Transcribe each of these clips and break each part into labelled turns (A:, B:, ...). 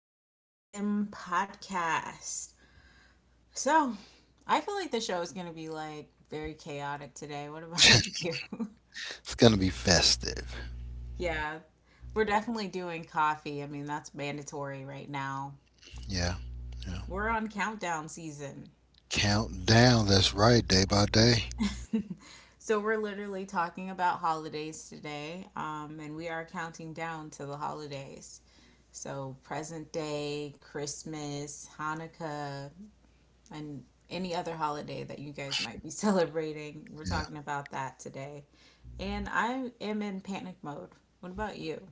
A: WFM podcast. So, I feel like this show is going to be like very chaotic today. What about you?
B: It's going to be festive.
A: Yeah, we're definitely doing coffee. I mean, that's mandatory right now.
B: Yeah. Yeah.
A: We're on countdown season.
B: Count down. That's right. Day by day.
A: So, we're literally talking about holidays today, and we are counting down to the holidays. So, present day, Christmas, Hanukkah, and any other holiday that you guys might be celebrating. We're
B: Yeah.
A: talking about that today. And I am in panic mode. What about you?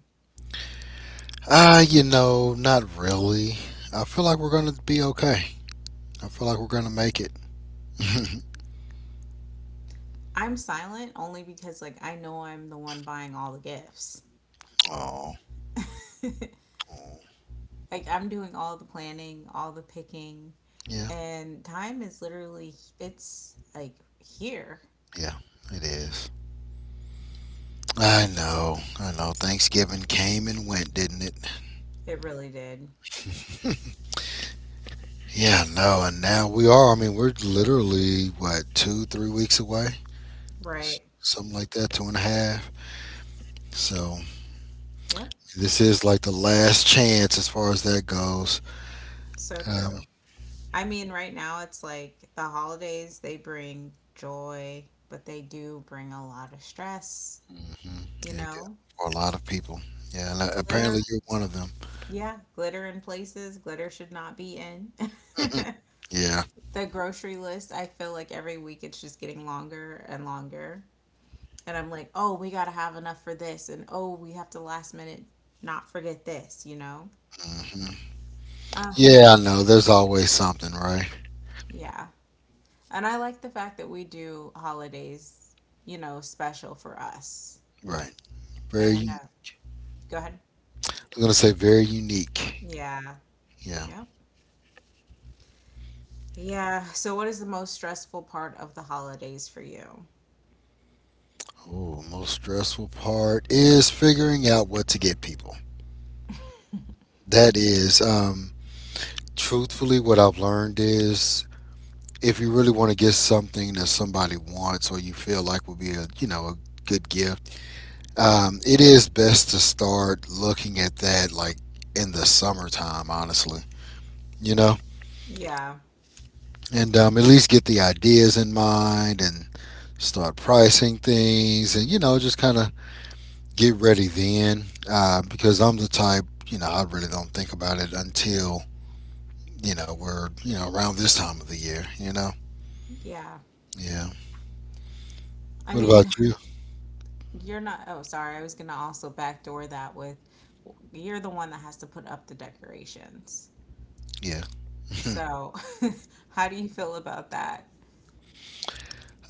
B: Not really. I feel like we're going to be okay. I feel like we're going to make it.
A: I'm silent only because like I know I'm the one buying all the gifts.
B: Oh,
A: Like
B: oh.
A: I'm doing all the planning, all the picking,
B: Yeah.
A: and time is literally it's here.
B: Yeah. It is. I know. I know. Thanksgiving came and went, didn't it?
A: It really did.
B: Yeah, no, and now we are. I mean, we're literally what, two, 3 weeks away,
A: Right.
B: something like that, two and a half. So
A: Yep.
B: this is like the last chance as far as that goes.
A: So
B: Um,
A: true. I mean, right now it's like the holidays, they bring joy, but they do bring a lot of stress,
B: mhm.
A: you
B: Yeah, yeah,
A: know?
B: for a lot of people. Yeah, and apparently
A: Glitter,
B: you're one of them.
A: yeah, glitter in places glitter should not be in.
B: Yeah.
A: The grocery list, I feel like every week it's just getting longer and longer. And I'm like, oh, we gotta have enough for this, and oh, we have to last minute not forget this, you know?
B: Mhm.
A: Uh,
B: Yeah, I know. There's always something, right?
A: yeah. And I like the fact that we do holidays, you know, special for us.
B: Right. Very.
A: And
B: u-
A: go ahead.
B: I'm gonna say very unique.
A: Yeah.
B: Yeah.
A: Yep. Yeah. So, what is the most stressful part of the holidays for you?
B: Oh, most stressful part is figuring out what to get people. That is, truthfully, what I've learned is, if you really want to get something that somebody wants or you feel like would be a, you know, a good gift, it is best to start looking at that like in the summertime, honestly. You know,
A: Yeah.
B: and at least get the ideas in mind and start pricing things, and you know, just kind of get ready then. Because I'm the type, you know, I really don't think about it until, you know, we're, you know, around this time of the year. You know,
A: Yeah.
B: yeah.
A: I
B: What
A: mean,
B: about you?
A: you're not. Oh, sorry. I was going to also backdoor that with you're the one that has to put up the decorations.
B: Yeah.
A: So, how do you feel about that?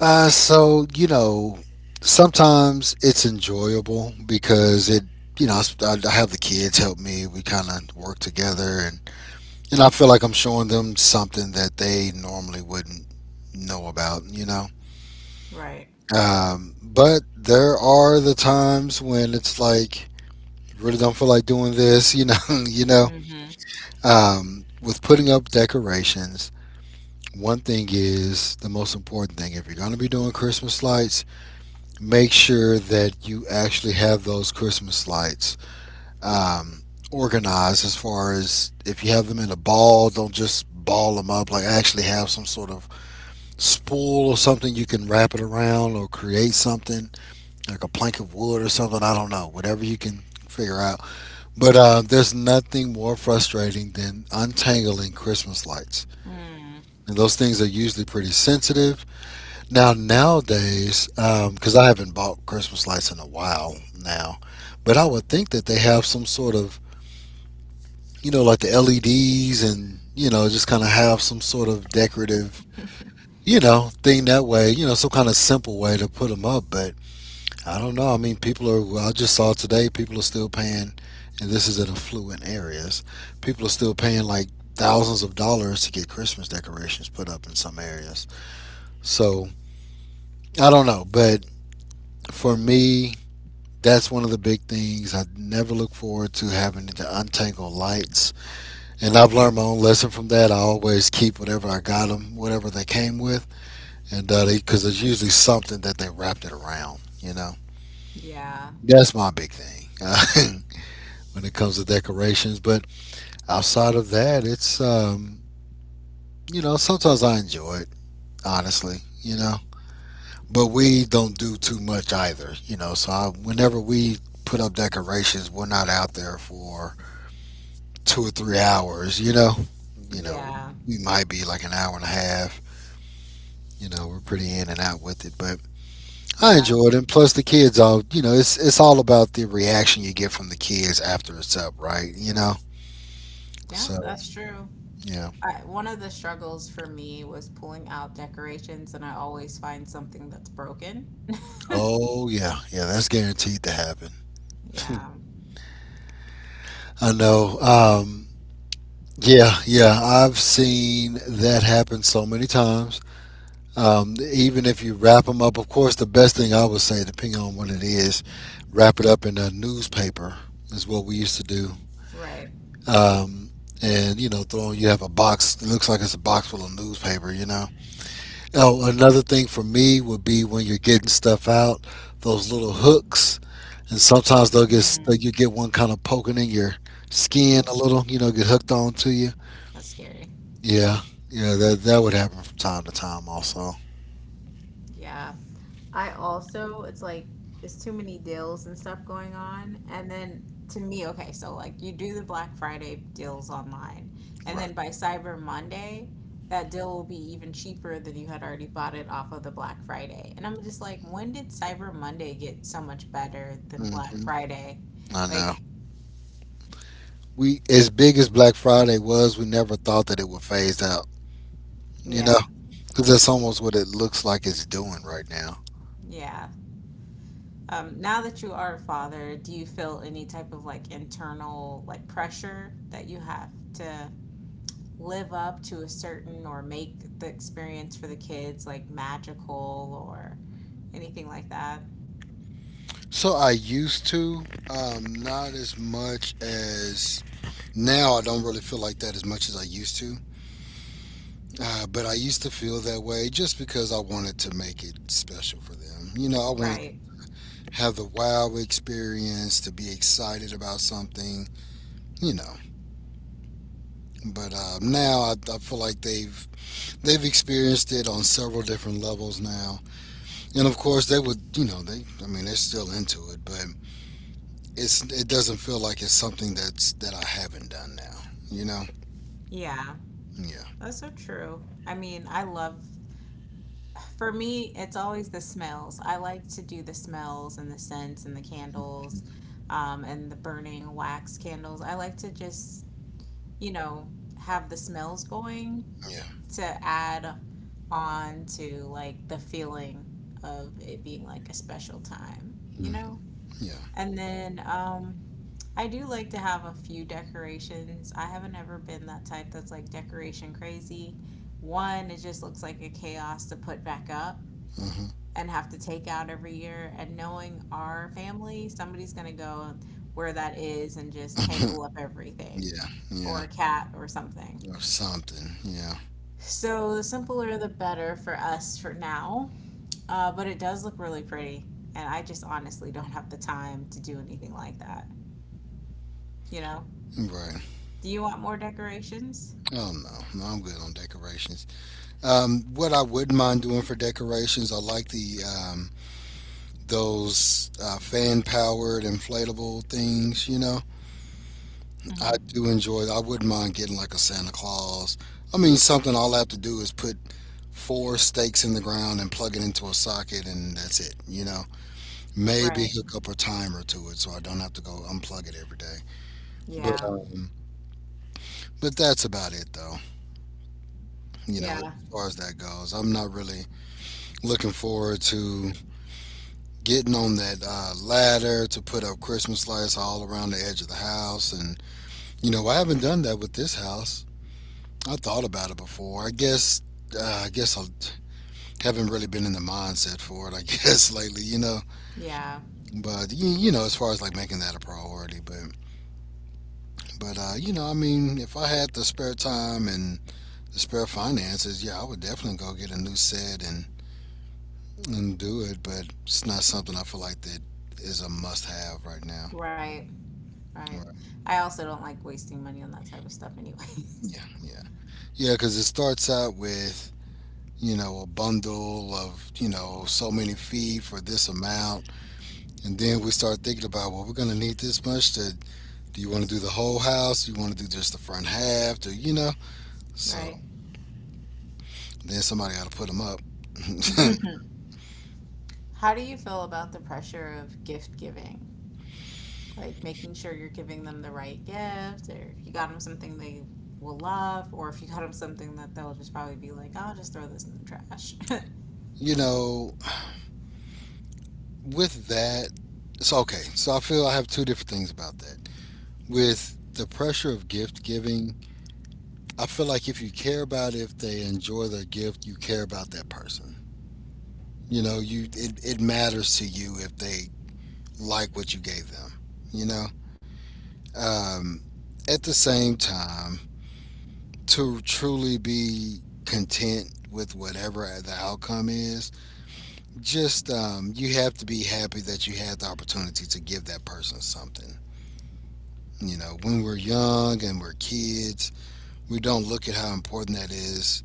B: So you know, sometimes it's enjoyable because it, you know, I have the kids help me. We kind of work together, and I feel like I'm showing them something that they normally wouldn't know about. You know,
A: Right.
B: but there are the times when it's like, really don't feel like doing this. You know, you know,
A: Mm-hmm.
B: with putting up decorations. One thing is the most important thing. If you're going to be doing Christmas lights, make sure that you actually have those Christmas lights um, organized as far as if you have them in a ball, don't just ball them up. Like, actually have some sort of spool or something you can wrap it around or create something like a plank of wood or something. I don't know. Whatever you can figure out. But there's nothing more frustrating than untangling Christmas lights.
A: Mm.
B: And those things are usually pretty sensitive nowadays, because I haven't bought Christmas lights in a while now, but I would think that they have some sort of, you know, like the LEDs and you know, just kind of have some sort of decorative, you know, thing that way, you know, some kind of simple way to put them up. But I don't know. I mean, people are. Well, I just saw today people are still paying, and this is in affluent areas. People are still paying like thousands of dollars to get Christmas decorations put up in some areas. So I don't know, but for me, that's one of the big things. I never look forward to having to untangle lights. And I've learned my own lesson from that. I always keep whatever I got them, whatever they came with, and because there's usually something that they wrapped it around, you know.
A: Yeah.
B: That's my big thing when it comes to decorations. But outside of that, it's, you know, sometimes I enjoy it, honestly, you know. But we don't do too much either, you know. Whenever we put up decorations, we're not out there for 2 or 3 hours. You know,
A: Yeah.
B: we might be like an hour and a half. You know, we're pretty in and out with it, but I
A: Yeah.
B: enjoy it. And plus, the kids all, you know, it's all about the reaction you get from the kids after it's up, right? You know,
A: Yeah,
B: so
A: that's true.
B: yeah,
A: I, one of the struggles for me was pulling out decorations, and I always find something that's broken.
B: oh yeah, yeah, that's guaranteed to happen.
A: Yeah,
B: I know. Yeah, yeah, I've seen that happen so many times. Even if you wrap them up, of course, the best thing I would say, depending on what it is, wrap it up in a newspaper is what we used to do.
A: right.
B: Um, and you know, throw you have a box, it looks like it's a box full of newspaper. You know. Oh, another thing for me would be when you're getting stuff out, those little hooks, and sometimes they'll get like, you get one kind of poking in your skin a little. You know, get hooked on to you.
A: That's scary.
B: Yeah, yeah, that would happen from time to time also.
A: Yeah. I also, it's like, it's too many deals and stuff going on. And then to me, okay, so like you do the Black Friday deals online. And
B: Right.
A: then by Cyber Monday, that deal will be even cheaper than you had already bought it off of the Black Friday. And I'm just like, when did Cyber Monday get so much better than Black
B: Hmm.
A: Friday?
B: I know.
A: Like,
B: We As big as Black Friday was, we never thought that it would phase out. You know,
A: yeah,
B: because that's almost what it looks like it's doing right now.
A: yeah. Now that you are a father, do you feel any type of like internal like pressure that you have to live up to a certain or make the experience for the kids like magical or anything like that?
B: So I used to, not as much as now. I don't really feel like that as much as I used to. But I used to feel that way just because I wanted to make it special for them. You know, I wanted to
A: Right.
B: have the wow experience, to be excited about something. You know, but now I feel like they've experienced it on several different levels now, and of course they would, you know, they. I mean, they're still into it, but it doesn't feel like it's something that I haven't done now. You know?
A: Yeah.
B: Yeah.
A: That's so true. I mean, I love, for me, it's always the smells. I like to do the smells and the scents and the candles, and the burning wax candles. I like to just, you know, have the smells going
B: Yeah.
A: to add on to like the feeling of it being like a special time, you
B: Mm,
A: know?
B: yeah.
A: And then I do like to have a few decorations. I haven't ever been that type that's like decoration crazy. One, it just looks like a chaos to put back up and have to take out every year. And knowing our family, somebody's gonna go where that is and just
B: Uh-huh.
A: tangle up everything
B: Yeah. Yeah.
A: or a cat or something.
B: Or something. Yeah.
A: So the simpler the better for us for now. But it does look really pretty. And I just honestly don't have the time to do anything like that. You know?
B: Right.
A: Do you want more decorations?
B: Oh no. No, I'm good on decorations. What I wouldn't mind doing for decorations, I like the those fan powered inflatable things. You know,
A: Hmm.
B: I do enjoy it. I wouldn't mind getting like a Santa Claus. I mean, something, all I have to do is put four stakes in the ground and plug it into a socket, and that's it. You know, maybe
A: Right.
B: hook up a timer to it so I don't have to go unplug it every day. But
A: Yeah.
B: um, but that's about it though. You know,
A: Yeah.
B: as far as that goes, I'm not really looking forward to getting on that ladder to put up Christmas lights all around the edge of the house, and you know, I haven't done that with this house. I thought about it before. I guess I guess I haven't really been in the mindset for it. I guess lately, you know.
A: Yeah.
B: You know, as far as like making that a priority, but you know, I mean, if I had the spare time and the spare finances, yeah, I would definitely go get a new set and do it. But it's not something I feel like that is a must-have right now.
A: Right. Right.
B: Right.
A: I also don't like wasting money on that type of stuff anyways.
B: Yeah, yeah, yeah. Because it starts out with, you know, a bundle of, you know, so many feet for this amount. And then we start thinking about, well, we're going to need this much. To, do you want to do the whole house? Do you want to do just the front half? Do you know? So
A: Right.
B: then somebody got to put them up.
A: How do you feel about the pressure of gift giving? Like making sure you're giving them the right gift, or if you got them something they will love, or if you got them something that they'll just probably be like, I'll just throw this in the trash.
B: You know, with that, it's okay. So I feel I have two different things about that. With the pressure of gift giving, I feel like if you care about it, if they enjoy their gift, you care about that person. You know, it matters to you if they like what you gave them. You know, um, at the same time, to truly be content with whatever the outcome is, just you have to be happy that you had the opportunity to give that person something. You know, when we're young and we're kids, we don't look at how important that is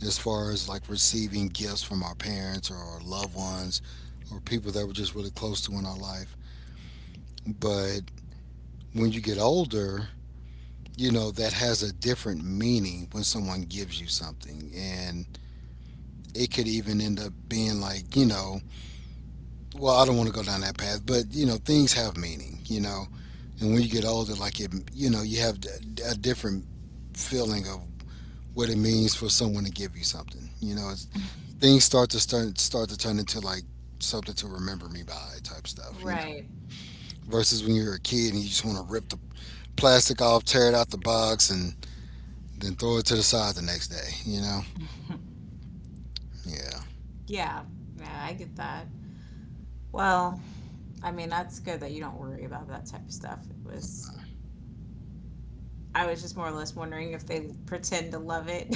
B: as far as like receiving gifts from our parents or our loved ones or people that we're just really close to in our life. But when you get older, you know, that has a different meaning when someone gives you something. And it could even end up being like, you know, well, I don't want to go down that path, but, you know, things have meaning, you know. And when you get older, like, you know, you have a different feeling of what it means for someone to give you something. You know, it's, things start to turn into like something to remember me by type stuff, you know,
A: Right,
B: versus when you're a kid and you just want to rip the plastic off, tear it out the box, and then throw it to the side the next day, you know? Yeah.
A: yeah. Yeah, I get that. Well, I mean, that's good that you don't worry about that type of stuff. It was, I was just more or less wondering if they pretend to love it.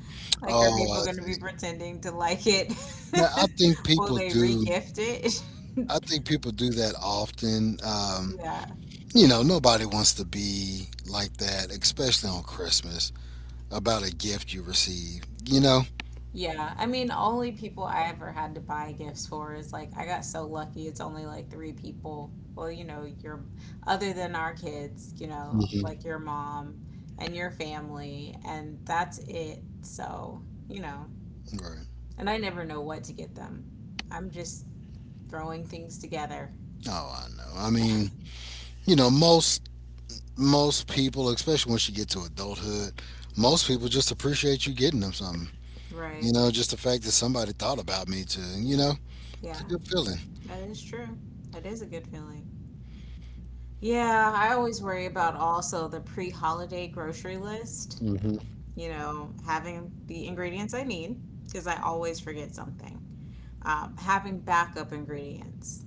A: Like, are
B: Oh,
A: people
B: I
A: going to be
B: see.
A: pretending to like it?
B: Now, I think
A: Will
B: people
A: they
B: do
A: re-gift it?
B: I think people do that often.
A: Yeah.
B: You know, nobody wants to be like that, especially on Christmas, about a gift you receive, you know?
A: Yeah, I mean, only people I ever had to buy gifts for is like I got so lucky. It's only like three people. Well, you know, your other than our kids, you know,
B: Hmm.
A: like your mom and your family, and that's it. So, you know,
B: Right.
A: and I never know what to get them. I'm just throwing things together.
B: Oh, I know. I mean, you know, most people, especially once you get to adulthood, most people just appreciate you getting them something. You
A: Right.
B: know, just the fact that somebody thought about me to, it's a
A: Yeah,
B: good feeling.
A: that is true. That is a good feeling. Yeah, I always worry about also the pre-holiday grocery list.
B: Hmm.
A: You know, having the ingredients I need because I always forget something. Having backup ingredients.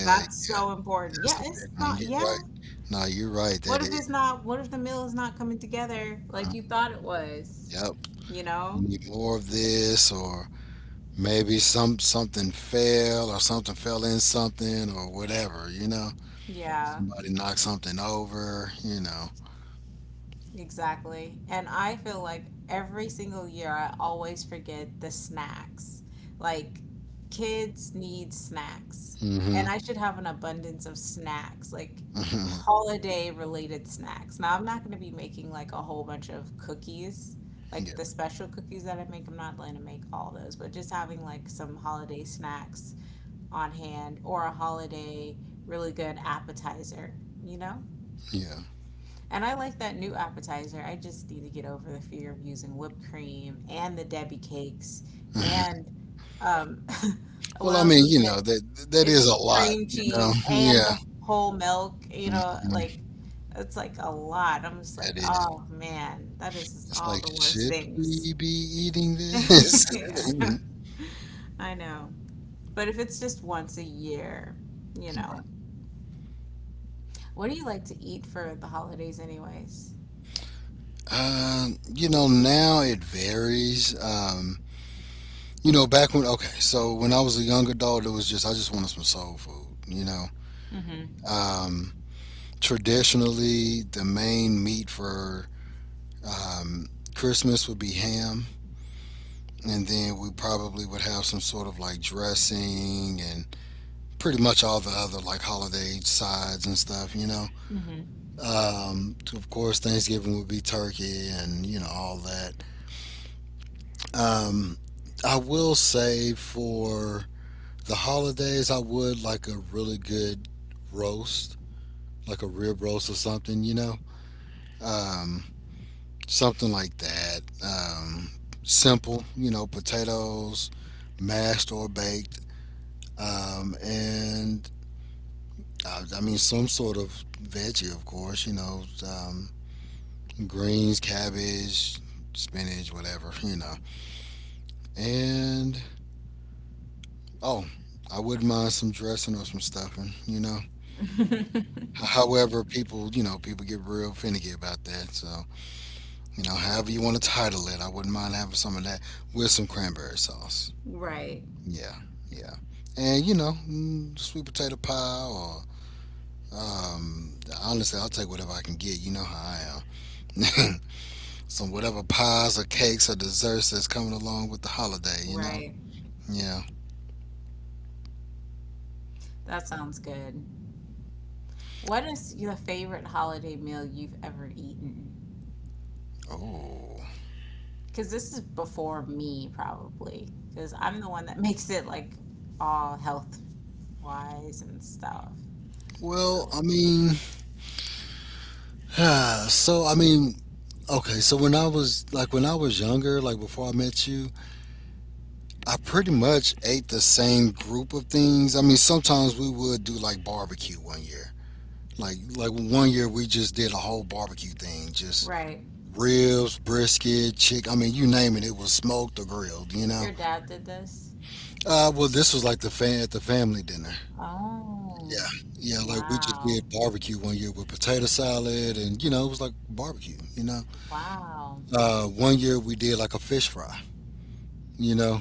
A: That's so important.
B: that's
A: Yeah,
B: a
A: it's
B: big one.
A: not,
B: You're right.
A: yeah.
B: No, you're right.
A: What
B: That
A: if
B: is.
A: it's not, what if the meal is not coming together like you thought it was?
B: Yep.
A: You know?
B: You need more of this, or maybe something fell, or something fell in something, or whatever, you know,
A: Yeah.
B: somebody knocked something over, you know.
A: Exactly. And I feel like every single year I always forget the snacks. Like kids need snacks.
B: Hmm.
A: And I should have an abundance of snacks, like holiday related snacks. Now I'm not going to be making like a whole bunch of cookies,
B: Yeah,
A: like the special cookies that I make. I'm not going to make all those, but just having like some holiday snacks on hand, or a holiday really good appetizer, you know?
B: yeah.
A: And I like that new appetizer. I just need to get over the fear of using whipped cream and the Debbie cakes and um,
B: Well,
A: what
B: I
A: else
B: mean,
A: is
B: you know,
A: it?
B: that is
A: It's
B: a lot,
A: cream
B: you know.
A: cheese and
B: Yeah.
A: whole milk. You know, like
B: Mhm.
A: it's like a lot. I'm just like,
B: that is
A: oh man, that is just
B: It's
A: all
B: like,
A: the worst
B: should
A: things.
B: we be eating this?
A: Yeah, I know. But if it's just once a year, you know, what do you like to eat for the holidays, anyways?
B: You know, now it varies. You know, back when okay, so when I was a young adult, it was just I just wanted some soul food. You know,
A: Mm-hmm.
B: um, traditionally the main meat for, um, Christmas would be ham, and then we probably would have some sort of like dressing, and pretty much all the other like holiday sides and stuff. You know,
A: Mm-hmm.
B: of course Thanksgiving would be turkey and you know all that. Um, I will say for the holidays, I would like a really good roast, like a rib roast or something, you know? Um, something like that. Simple, you know, potatoes, mashed or baked. And I mean, some sort of veggie, of course, you know, greens, cabbage, spinach, whatever, you know. And, oh, I wouldn't mind some dressing or some stuffing, you know? However, people, you know, people get real finicky about that. So, you know, however you want to title it, I wouldn't mind having some of that with some cranberry sauce.
A: Right.
B: Yeah, yeah. And, you know, mm, sweet potato pie, or, um, honestly, I'll take whatever I can get. You know how I am. Some whatever pies or cakes or desserts that's coming along with the holiday, you know?
A: Right.
B: Yeah.
A: That sounds good. What is your favorite holiday meal you've ever eaten?
B: Oh.
A: Because this is before me, probably. Because I'm the one that makes it like all health wise and stuff.
B: Well,
A: So,
B: I mean, so, I mean, okay, so when I was, like, when I was younger, like before I met you, I pretty much ate the same group of things. I mean, sometimes we would do like barbecue one year. Like one year we just did a whole barbecue thing, just
A: right.
B: ribs, brisket, chick. I mean, you name it, it was smoked or grilled. You know.
A: Your dad did this?
B: Well, this was like the fan at the family dinner. Yeah,
A: Oh,
B: yeah. Like we just
A: wow.
B: did barbecue one year with potato salad, and you know it was like barbecue. You know.
A: Wow.
B: One year we did like a fish fry. You know,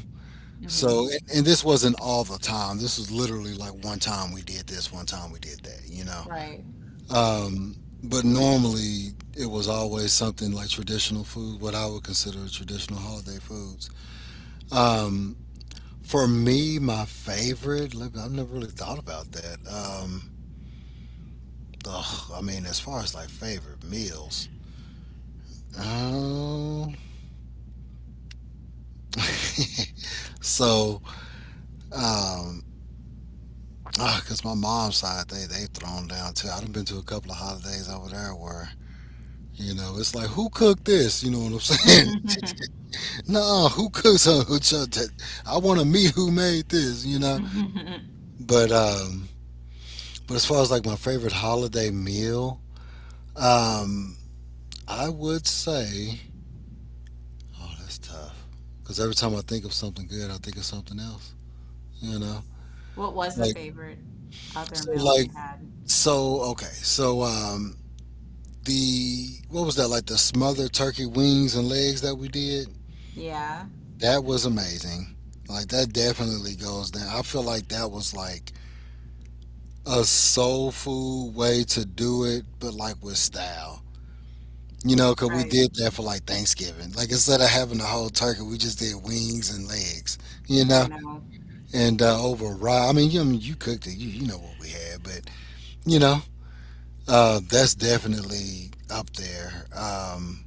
A: Hmm.
B: so, and this wasn't all the time. This was literally like one time we did this, one time we did that, you know.
A: Right.
B: Um, but normally it was always something like traditional food, what I would consider traditional holiday foods. Um, for me, my favorite, let me— I've never really thought about that. Ugh, I mean, as far as like favorite meals, um, so um, ah, cause my mom's side, they thrown down too. I've been to a couple of holidays over there where you know it's like who cooked this? You know what I'm saying? No, who cooked so- who so- that- I want to meet who made this. You know, but um, but as far as like my favorite holiday meal, um, I would say, oh, that's tough. Cause every time I think of something good, I think of something else. You know,
A: What was the
B: like
A: favorite other
B: so,
A: meal you
B: like
A: had?
B: so. Okay, so the what was that like the smothered turkey wings and legs that we did?
A: Yeah,
B: That was amazing. Like that definitely goes down. I feel like that was like a soul food way to do it, but like with style. You know, cause we
A: right.
B: did that for like Thanksgiving. Like instead of having the whole turkey, we just did wings and legs. You
A: I
B: know,
A: know.
B: and over rye. I mean, you cooked it. You know what we had, but you know, that's definitely up there. Um,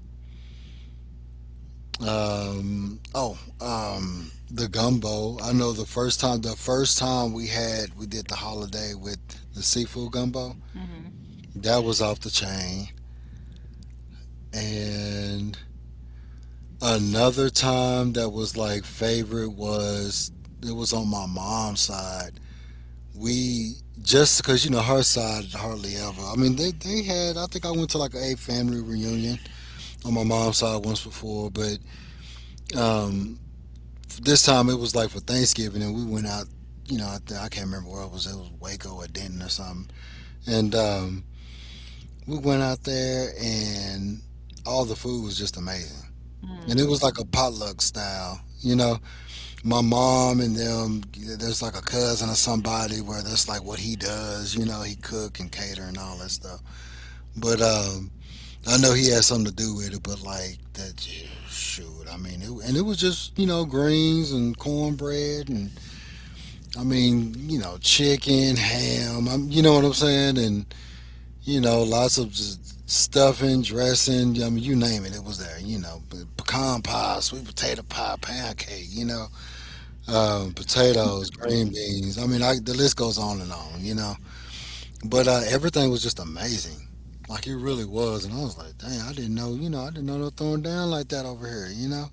B: Um, Oh, the gumbo. I know the first time we had, we did the holiday with the seafood gumbo. That was off the chain. And another time that was like favorite was, it was on my mom's side. We just because you know her side hardly ever. I mean, they had. I think I went to like a family reunion on my mom's side once before, but um, this time it was like for Thanksgiving, and we went out. You know, I can't remember where it was. It was Waco or Denton or something. And we went out there, and all the food was just amazing. And it
A: Hmm.
B: was like a potluck style. You know, my mom and them. There's like a cousin or somebody where that's like what he does. You know, he cook and cater and all that stuff. But I know he had something to do with it. But like that, shoot. I mean, it, and it was just you know greens and cornbread and I mean, you know, chicken, ham. I'm, you know what I'm saying, and you know, lots of just stuffing, dressing. I mean, you name it, it was there. You know, pecan pie, sweet potato pie, pancake. You know, potatoes, green beans. I mean, I, the list goes on and on. You know, but everything was just amazing. Like it really was, and I was like, "Dang, I didn't know." You know, I didn't know they were throwing down like that over here. You know,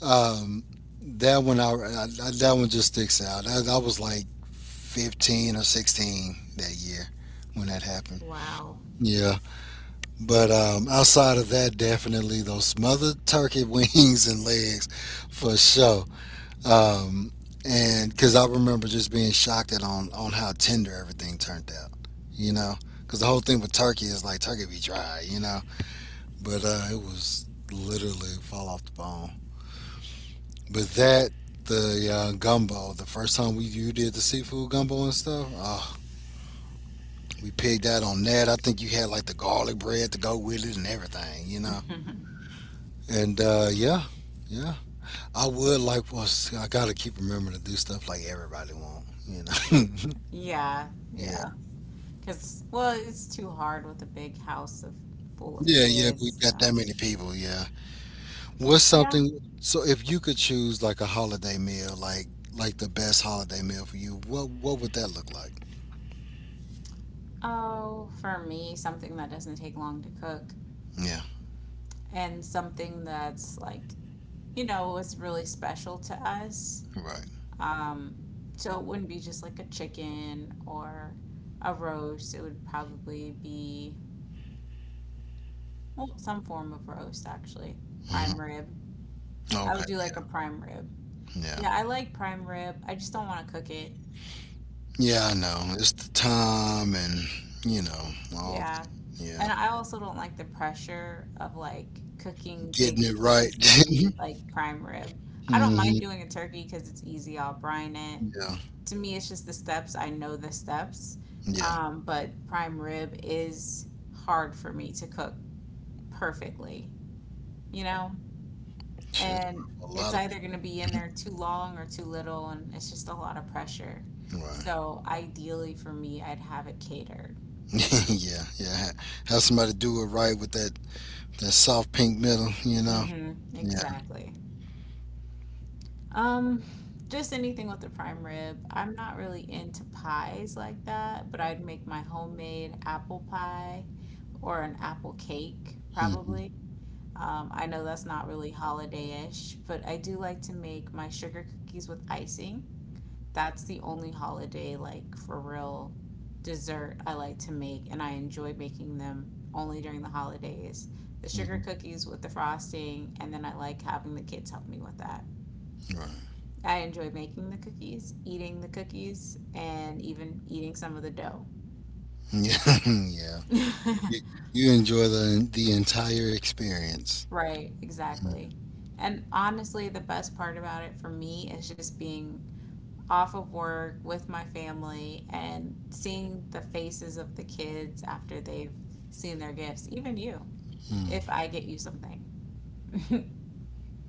B: um, that one, I that one just sticks out. I was like 15 or 16 that year when that happened.
A: Wow.
B: Yeah, but outside of that, definitely those smothered turkey wings and legs for sure. Um, and because I remember just being shocked at on how tender everything turned out, you know, because the whole thing with turkey is like turkey be dry, you know, but it was literally fall off the bone. But that the gumbo, the first time we you did the seafood gumbo and stuff, oh. We pigged out on that. I think you had like the garlic bread to go with it and everything, you know. And yeah, yeah. I would like was I gotta keep remembering to do stuff like everybody want, you know.
A: Yeah,
B: Yeah,
A: yeah. Because, well, it's too hard with a big house of full of
B: yeah, yeah. We
A: kids,
B: got that
A: so.
B: many people. Yeah. What's
A: Yeah.
B: something? So if you could choose like a holiday meal, like the best holiday meal for you, what would that look like?
A: Oh, for me, something that doesn't take long to cook
B: Yeah.
A: and something that's like, you know, was really special to us.
B: Right.
A: So it wouldn't be just like a chicken or a roast. It would probably be, well, some form of roast actually. Prime
B: Hmm.
A: rib. I
B: Okay.
A: would do like a prime rib.
B: Yeah.
A: Yeah, I like prime rib. I just don't want to cook it.
B: Yeah, I know. It's the time and you know all. That.
A: Yeah.
B: Yeah.
A: And I also don't like the pressure of like cooking big
B: Getting it right.
A: pieces of meat, like prime rib. I don't mind
B: Mhm.
A: doing a turkey because it's easy. I'll brine it.
B: Yeah,
A: To me, it's just the steps. I know the steps.
B: yeah.
A: But prime rib is hard for me to cook perfectly, you know?
B: Shit,
A: And
B: a
A: it's
B: lot of
A: either going to be in
B: people.
A: there too long or too little, and it's just a lot of pressure.
B: Right.
A: So ideally for me, I'd have it catered.
B: Yeah, yeah. Ha— have somebody do it right with that soft pink middle, you know.
A: Mm-hmm.
B: Yeah.
A: Exactly. Um, just anything with the prime rib. I'm not really into pies like that, but I'd make my homemade apple pie or an apple cake, probably.
B: Hmm.
A: I know that's not really holiday-ish, but I do like to make my sugar cookies with icing. That's the only holiday, like for real dessert I like to make, and I enjoy making them only during the holidays. The sugar
B: Hmm.
A: cookies with the frosting, and then I like having the kids help me with that.
B: Right.
A: I enjoy making the cookies, eating the cookies, and even eating some of the dough.
B: Yeah, yeah. You, you enjoy the entire experience.
A: Right,
B: Mm-hmm.
A: exactly. And honestly, the best part about it for me is just being off of work with my family and seeing the faces of the kids after they've seen their gifts, even you, if I get you something.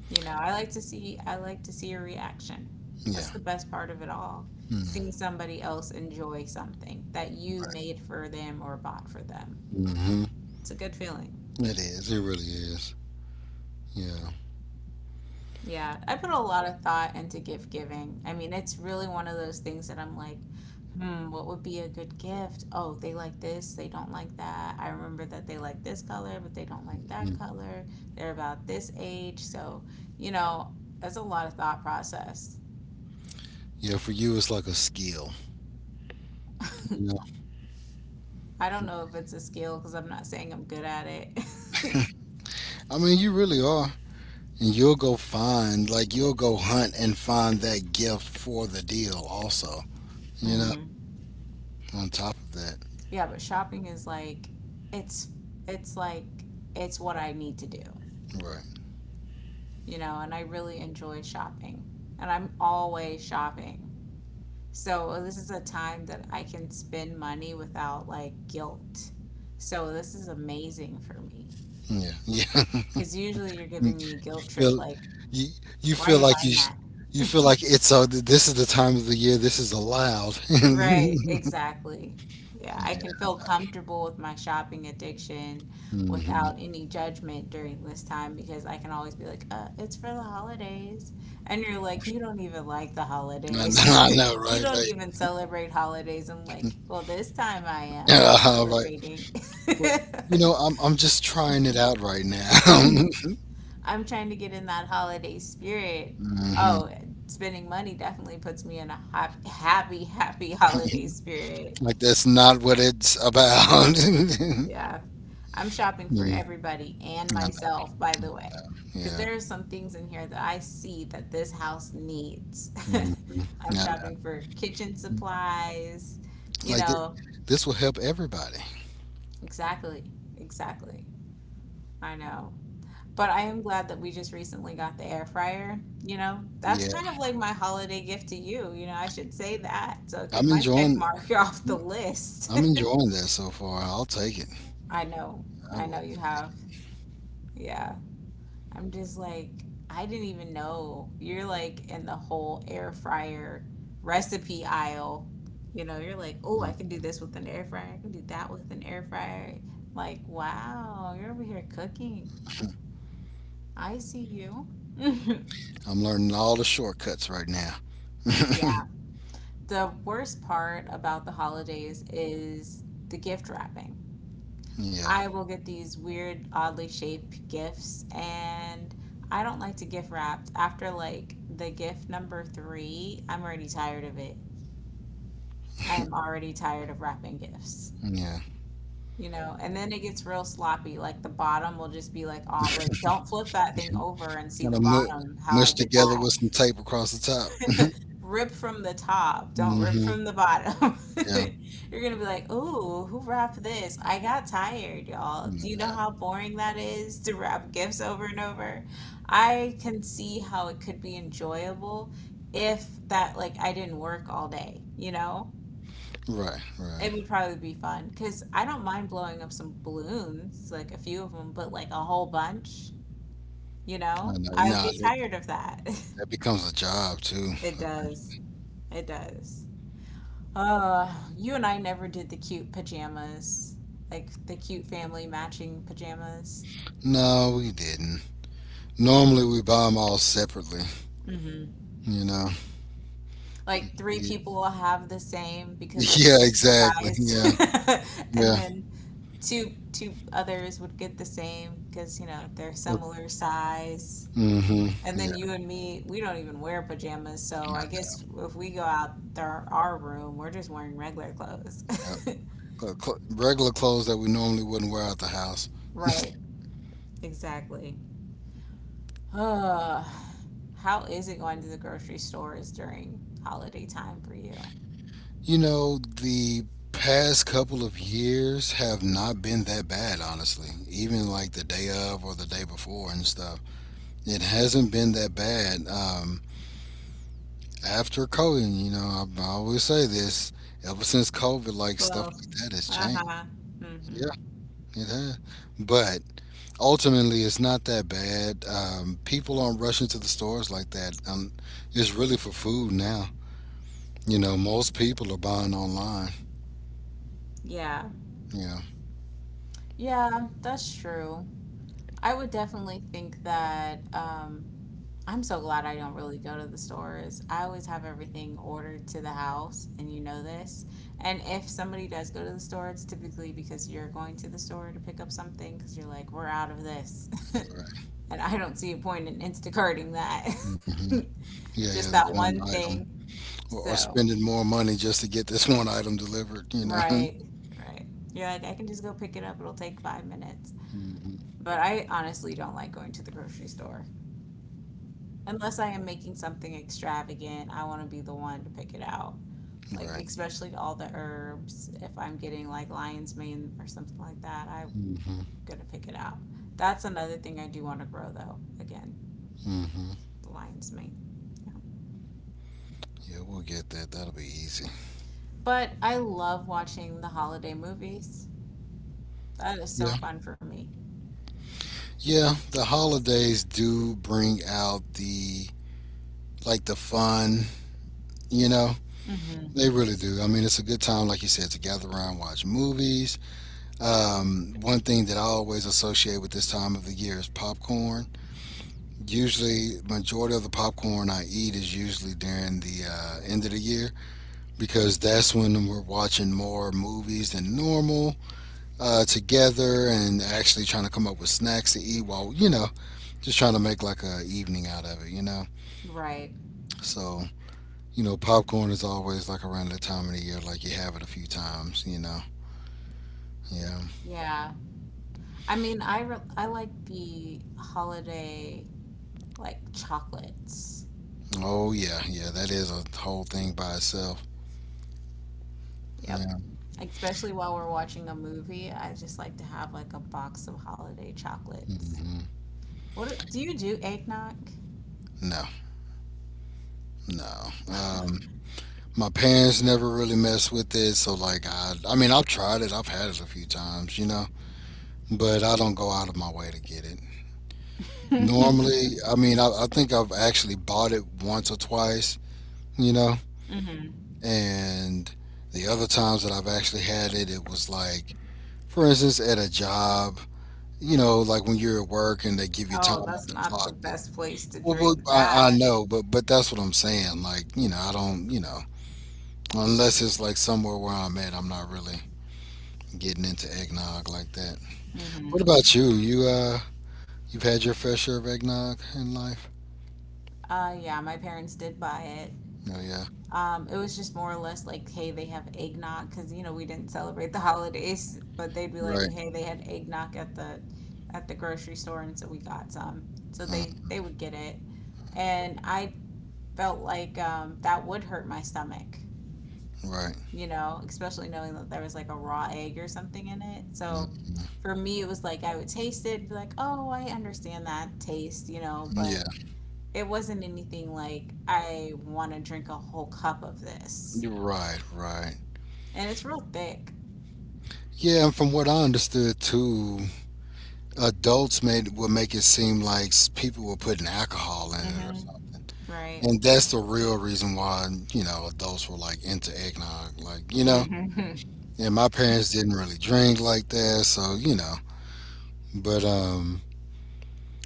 A: You know, I like to see a reaction.
B: Yeah.
A: That's the best part of it all.
B: Mm-hmm.
A: Seeing somebody else enjoy something that you made for them or bought for them.
B: Mm-hmm.
A: It's a good feeling.
B: It is. It really is. Yeah.
A: Yeah, I put a lot of thought into gift giving. I mean, it's really one of those things that I'm like, hmm, what would be a good gift? Oh, they like this, they don't like that. I remember that they like this color, but they don't like that
B: Mhm.
A: color. They're about this age, so, you know, that's a lot of thought process.
B: Yeah. For you, it's like a skill. You know.
A: I don't know if it's a skill because I'm not saying I'm good at it.
B: I mean, you really are. And you'll go find, like, you'll go hunt and find that gift for the deal, also, you know,
A: Hmm.
B: on top of that.
A: Yeah, but shopping is like it's it's like it's what I need to do,
B: Right.
A: you know, and I really enjoy shopping. And I'm always shopping. So this is a time that I can spend money without like guilt. So this is amazing for me.
B: Yeah. Yeah.
A: Because usually you're giving me a guilt
B: You
A: trip
B: feel,
A: like,
B: you, you
A: why are
B: feel
A: you
B: like you,
A: buying
B: sh—
A: that?
B: you feel like it's a, this is the time of the year, this is allowed.
A: Right, exactly. Yeah, I can
B: Yeah.
A: feel comfortable with my shopping addiction without
B: Hmm.
A: any judgment during this time because I can always be like, it's for the holidays. And you're like, you don't even like the
B: I know,
A: holidays.
B: I know,
A: You
B: right?
A: don't even
B: Like,
A: celebrate holidays. I'm like, well, this time I am. I'm
B: right.
A: celebrating.
B: Well, you know, I'm just trying it out right now.
A: I'm trying to get in that holiday spirit.
B: Hmm.
A: Oh, spending money definitely puts me in a happy, happy holiday spirit.
B: Like, that's not what it's about.
A: Yeah. I'm shopping for
B: Hmm.
A: everybody and
B: No, no,
A: myself, by the way,
B: no.
A: because
B: Yeah.
A: there are some things in here that I see that this house needs.
B: Mhm.
A: I'm
B: No,
A: shopping for kitchen
B: no.
A: supplies, you
B: Like th—
A: know,
B: this will help everybody.
A: exactly, exactly. I know. But I am glad that we just recently got the air fryer. You know, that's
B: Yeah.
A: kind of like my holiday gift to you. You know, I should say that. So get
B: I'm
A: my check
B: enjoying
A: mark off the list.
B: I'm enjoying that so far. I'll take it.
A: I know.
B: I
A: I know
B: will
A: you
B: take
A: have.
B: it.
A: Yeah. I'm just like, I didn't even know. You're like in the whole air fryer recipe aisle. You know, you're like, oh, I can
B: Mm.
A: do this with an air fryer. I can do that with an air fryer. Like, wow, you're over here cooking. I see you.
B: I'm learning all the shortcuts right now.
A: Yeah. The worst part about the holidays is the gift wrapping.
B: Yeah.
A: I will get these weird, oddly shaped gifts, and I don't like to gift wrap. After like the gift number three, I'm already tired of it. I am already tired of wrapping gifts,
B: Yeah.
A: you know, and then it gets real sloppy. Like the bottom will just be like all like, don't flip that thing over and see
B: Kind
A: the
B: of mu—
A: bottom, how I
B: mushed
A: did
B: together
A: that.
B: with some tape across the top.
A: Rip from the top. Don't rip from
B: Hmm.
A: the bottom.
B: Yeah.
A: You're gonna be like, ooh, who wrapped this? I got tired, y'all.
B: No,
A: Do you know
B: no.
A: how boring that is to wrap gifts over and over? I can see how it could be enjoyable if that, like, I didn't work all day, you know?
B: Right, right.
A: It would probably be fun because I don't mind blowing up some balloons, like a few of them, but like a whole bunch, you
B: I
A: know?
B: know.
A: I'll
B: Nah,
A: get
B: that,
A: tired of that.
B: that becomes a job too.
A: It does. It does. You and I never did the cute pajamas, like the cute family matching pajamas.
B: No, we didn't. Normally we buy them all separately. You know? Like,
A: Like three
B: yeah,
A: people will have the same because I could
B: yeah,
A: get the
B: exactly. Yeah,
A: size, and
B: yeah.
A: then two others would get the same because you know they're similar size.
B: Mm-hmm.
A: And then
B: Yeah,
A: you and me, we don't even wear pajamas, so
B: not
A: I guess
B: now.
A: if we go out there, our room, we're just wearing regular clothes.
B: Yep. Cl— cl— regular clothes that we normally wouldn't wear out the house.
A: Right, exactly. How is it going to the grocery stores during holiday time for you?
B: You know, the past couple of years have not been that bad, honestly. Even like the day of or the day before and stuff. It hasn't been that bad. After COVID, you know, I always say this, ever since COVID, like stuff
A: Well,
B: like that has changed.
A: uh-huh. Mm-hmm.
B: Yeah, it has. But ultimately it's not that bad. People aren't rushing to the stores like that. It's really for food now. You know, most people are buying online.
A: Yeah.
B: Yeah,
A: Yeah, that's true. I would definitely think that I'm so glad I don't really go to the stores. I always have everything ordered to the house, and you know this. And if somebody does go to the store, it's typically because you're going to the store to pick up something because you're like, we're out of this.
B: right.
A: And I don't see a point in Instacarting that.
B: Hmm. Yeah,
A: Just
B: yeah,
A: that
B: this
A: one
B: one item,
A: thing.
B: or
A: So,
B: spending more money just to get this one item delivered. You know,
A: right, right. You're like, I can just go pick it up. It'll take 5 minutes.
B: hmm
A: But I honestly don't like going to the grocery store. Unless I am making something extravagant, I want to be the one to pick it out. Like,
B: right.
A: especially all the herbs. If I'm getting like lion's mane or something like that, I'm
B: Hmm.
A: going to pick it out. That's another thing I do want to grow, though. Again,
B: Hmm.
A: the lion's mane. Yeah.
B: Yeah, we'll get that. That'll be easy.
A: But I love watching the holiday movies. That is so
B: Yeah,
A: fun for me.
B: yeah. The holidays do bring out the like the fun. You know,
A: Hmm.
B: they really do. I mean, it's a good time, like you said, to gather around, watch movies. One thing that I always associate with this time of the year is popcorn. Usually, majority of the popcorn I eat is usually during the end of the year because that's when we're watching more movies than normal together and actually trying to come up with snacks to eat while just trying to make like a evening out of it.
A: Right.
B: So popcorn is always like around the time of the year, like you have it a few times. You know, yeah.
A: Yeah. I mean, I like the holiday like chocolates.
B: Oh yeah, yeah, that is a whole thing by itself.
A: Yep.
B: Yeah.
A: Especially while we're watching a movie, I just like to have like a box of holiday chocolates.
B: hmm
A: What do Do you do eggnog?
B: No, no. My parents never really messed with it, so like I mean, I've tried it, I've had it a few times, you know, but I don't go out of my way to get it. Normally, I mean, I think I've actually bought it once or twice, you know, and the other times that I've actually had it, it was like, for instance, at a job, you know, like when you're at work and they give you time
A: Oh, that's
B: off the
A: not
B: clock.
A: the best place to
B: Well,
A: drink
B: I
A: that.
B: know, but that's what I'm saying. Like, you know, I don't, you know, unless it's like somewhere where I'm at, I'm not really getting into eggnog like that.
A: Hmm.
B: What about you? You you've had your fair share of eggnog in life.
A: Yeah, my parents did buy it.
B: Oh yeah,
A: It was just more or less like, hey, they have eggnog because you know we didn't celebrate the holidays, but they'd be like,
B: right,
A: hey, they had eggnog at the grocery store, and so we got some. So
B: mm,
A: they would get it, and I felt like that would hurt my stomach,
B: right,
A: you know, especially knowing that there was like a raw egg or something in it. So
B: mm,
A: for me, it was like I would taste it, and be like, oh, I understand that taste, you know, but
B: yeah,
A: it wasn't anything like I want to drink a whole cup of this.
B: you're right, right.
A: And it's real thick,
B: Yeah, and from what I understood too, adults made will make it seem like people were putting alcohol in it or
A: hmm
B: something,
A: right?
B: and that's the real reason why adults were like into eggnog, like you know.
A: Hmm.
B: And my parents didn't really drink like that, so you know. But um,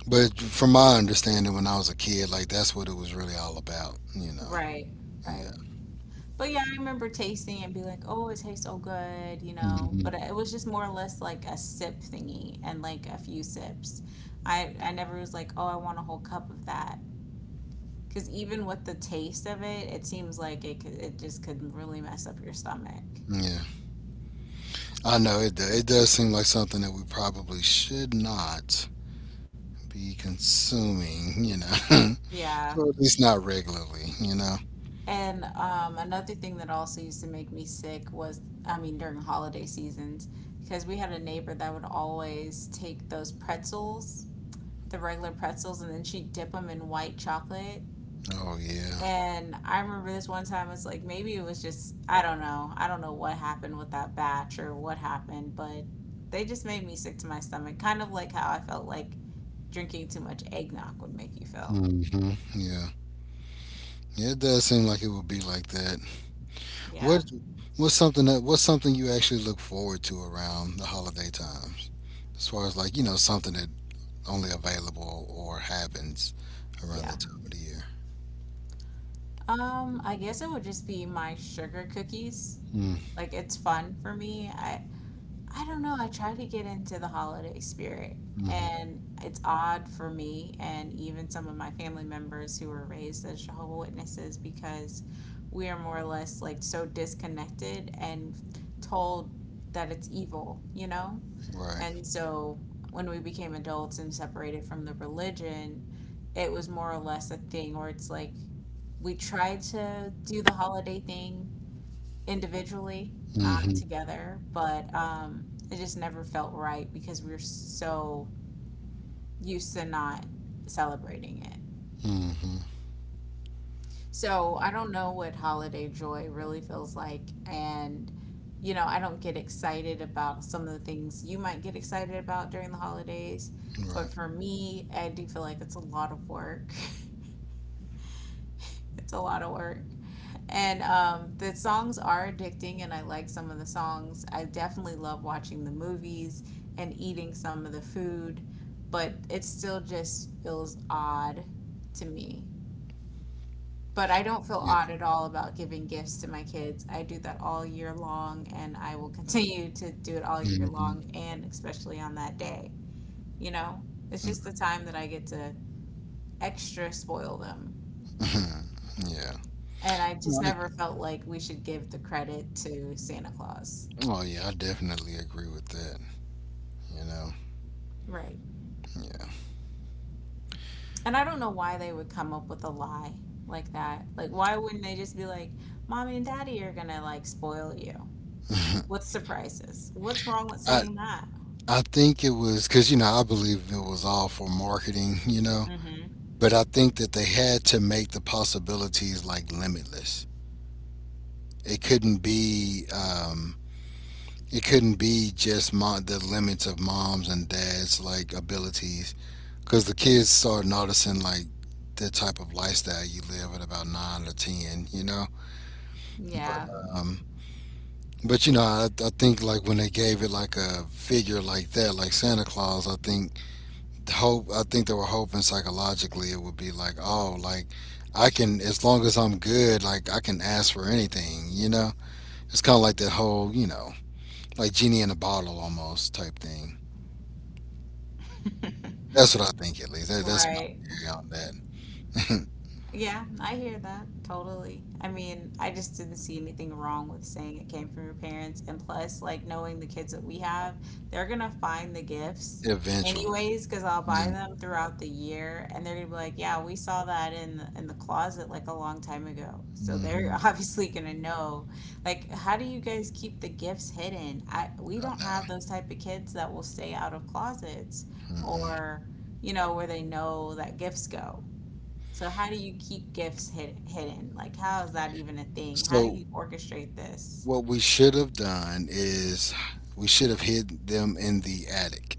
B: but from my understanding, when I was a kid, like that's what it was really all about, you know.
A: Right,
B: Yeah.
A: right. But yeah, I remember tasting and be like, oh, it tastes so good, you know. But
B: hmm
A: it was just more or less like a sip thingy and like a few sips. I never was like, oh, I want a whole cup of that. Because even with the taste of it, it seems like it just could really mess up your stomach.
B: Yeah. I know it. It does seem like something that we probably should not be consuming, you know,
A: Yeah.
B: or at least not regularly, you know.
A: And another thing that also used to make me sick was, I mean, during holiday seasons, because we had a neighbor that would always take those pretzels, the regular pretzels, and then she'd dip them in white chocolate.
B: Oh yeah.
A: And I remember this one time, it's like maybe it was just, I don't know. I don't know what happened with that batch or what happened, but they just made me sick to my stomach, kind of like how I felt like drinking too much eggnog would make you feel.
B: hmm Yeah. Yeah, it does seem like it would be like that.
A: Yeah,
B: What what's something you actually look forward to around the holiday times? As far as like, you know, something that only available or happens around
A: yeah.
B: that time of the year.
A: I guess it would just be my sugar cookies. Like it's fun for me. I don't know. I try to get into the holiday spirit,
B: Mm-hmm.
A: and it's odd for me and even some of my family members who were raised as Jehovah Witnesses because we are more or less like so disconnected and told that it's evil, you know?
B: Right.
A: And so when we became adults and separated from the religion, it was more or less a thing where it's like we tried to do the holiday thing individually, not
B: Mm-hmm.
A: together, but it just never felt right because we were so used to not celebrating it.
B: Mm-hmm.
A: So I don't know what holiday joy really feels like. And, you know, I don't get excited about some of the things you might get excited about during the holidays. But
B: Right.
A: for me, I do feel like it's a lot of work. It's a lot of work. And the songs are addicting, and I like some of the songs. I definitely love watching the movies and eating some of the food, but it still just feels odd to me. But I don't feel
B: Yeah.
A: odd at all about giving gifts to my kids. I do that all year long, and I will continue to do it all year
B: Mm-hmm.
A: long, and especially on that day. You know, it's just the time that I get to extra spoil them.
B: yeah.
A: And I just
B: No, I
A: never
B: get-
A: felt like we should give the credit to Santa Claus.
B: Oh yeah, I definitely agree with that. You know.
A: Right. And I don't know why they would come up with a lie like that. Like, why wouldn't they just be like, Mommy and Daddy are gonna like spoil you
B: Yeah.
A: with surprises? What's wrong with
B: I
A: saying that?
B: I think it was because, you know, I believe it was all for marketing, you know,
A: Hmm.
B: but I think that they had to make the possibilities like limitless. It couldn't be, um, it couldn't be just mom, the limits of moms and dads like abilities because the kids start noticing like the type of lifestyle you live at about nine or ten, you know. But
A: Yeah.
B: um, but you know, I think like when they gave it like a figure like that, like Santa Claus, I think they were hoping psychologically it would be like, oh, like I can as long as I'm good, like I can ask for anything, you know? It's kinda like that whole, you know, like genie in a bottle almost type thing. That's what I think at least. That's my
A: Right.
B: theory on that.
A: Yeah, I hear that totally. I mean, I just didn't see anything wrong with saying it came from your parents. And plus, like knowing the kids that we have, they're gonna find the gifts
B: Eventually.
A: anyways, because I'll
B: Yeah.
A: buy them throughout the year, and they're gonna be like, "Yeah, we saw that in the closet like a long time ago." So they're
B: hmm
A: obviously gonna know. Like, how do you guys keep the gifts hidden? I We
B: I
A: don't have
B: know.
A: those type of kids that will stay out of closets
B: Mm-mm.
A: or, you know, where they know that gifts go. So how do you keep gifts hidden? Like how is that even a thing? How do
B: So
A: you orchestrate this?
B: what we should have done is we should have hid them in the attic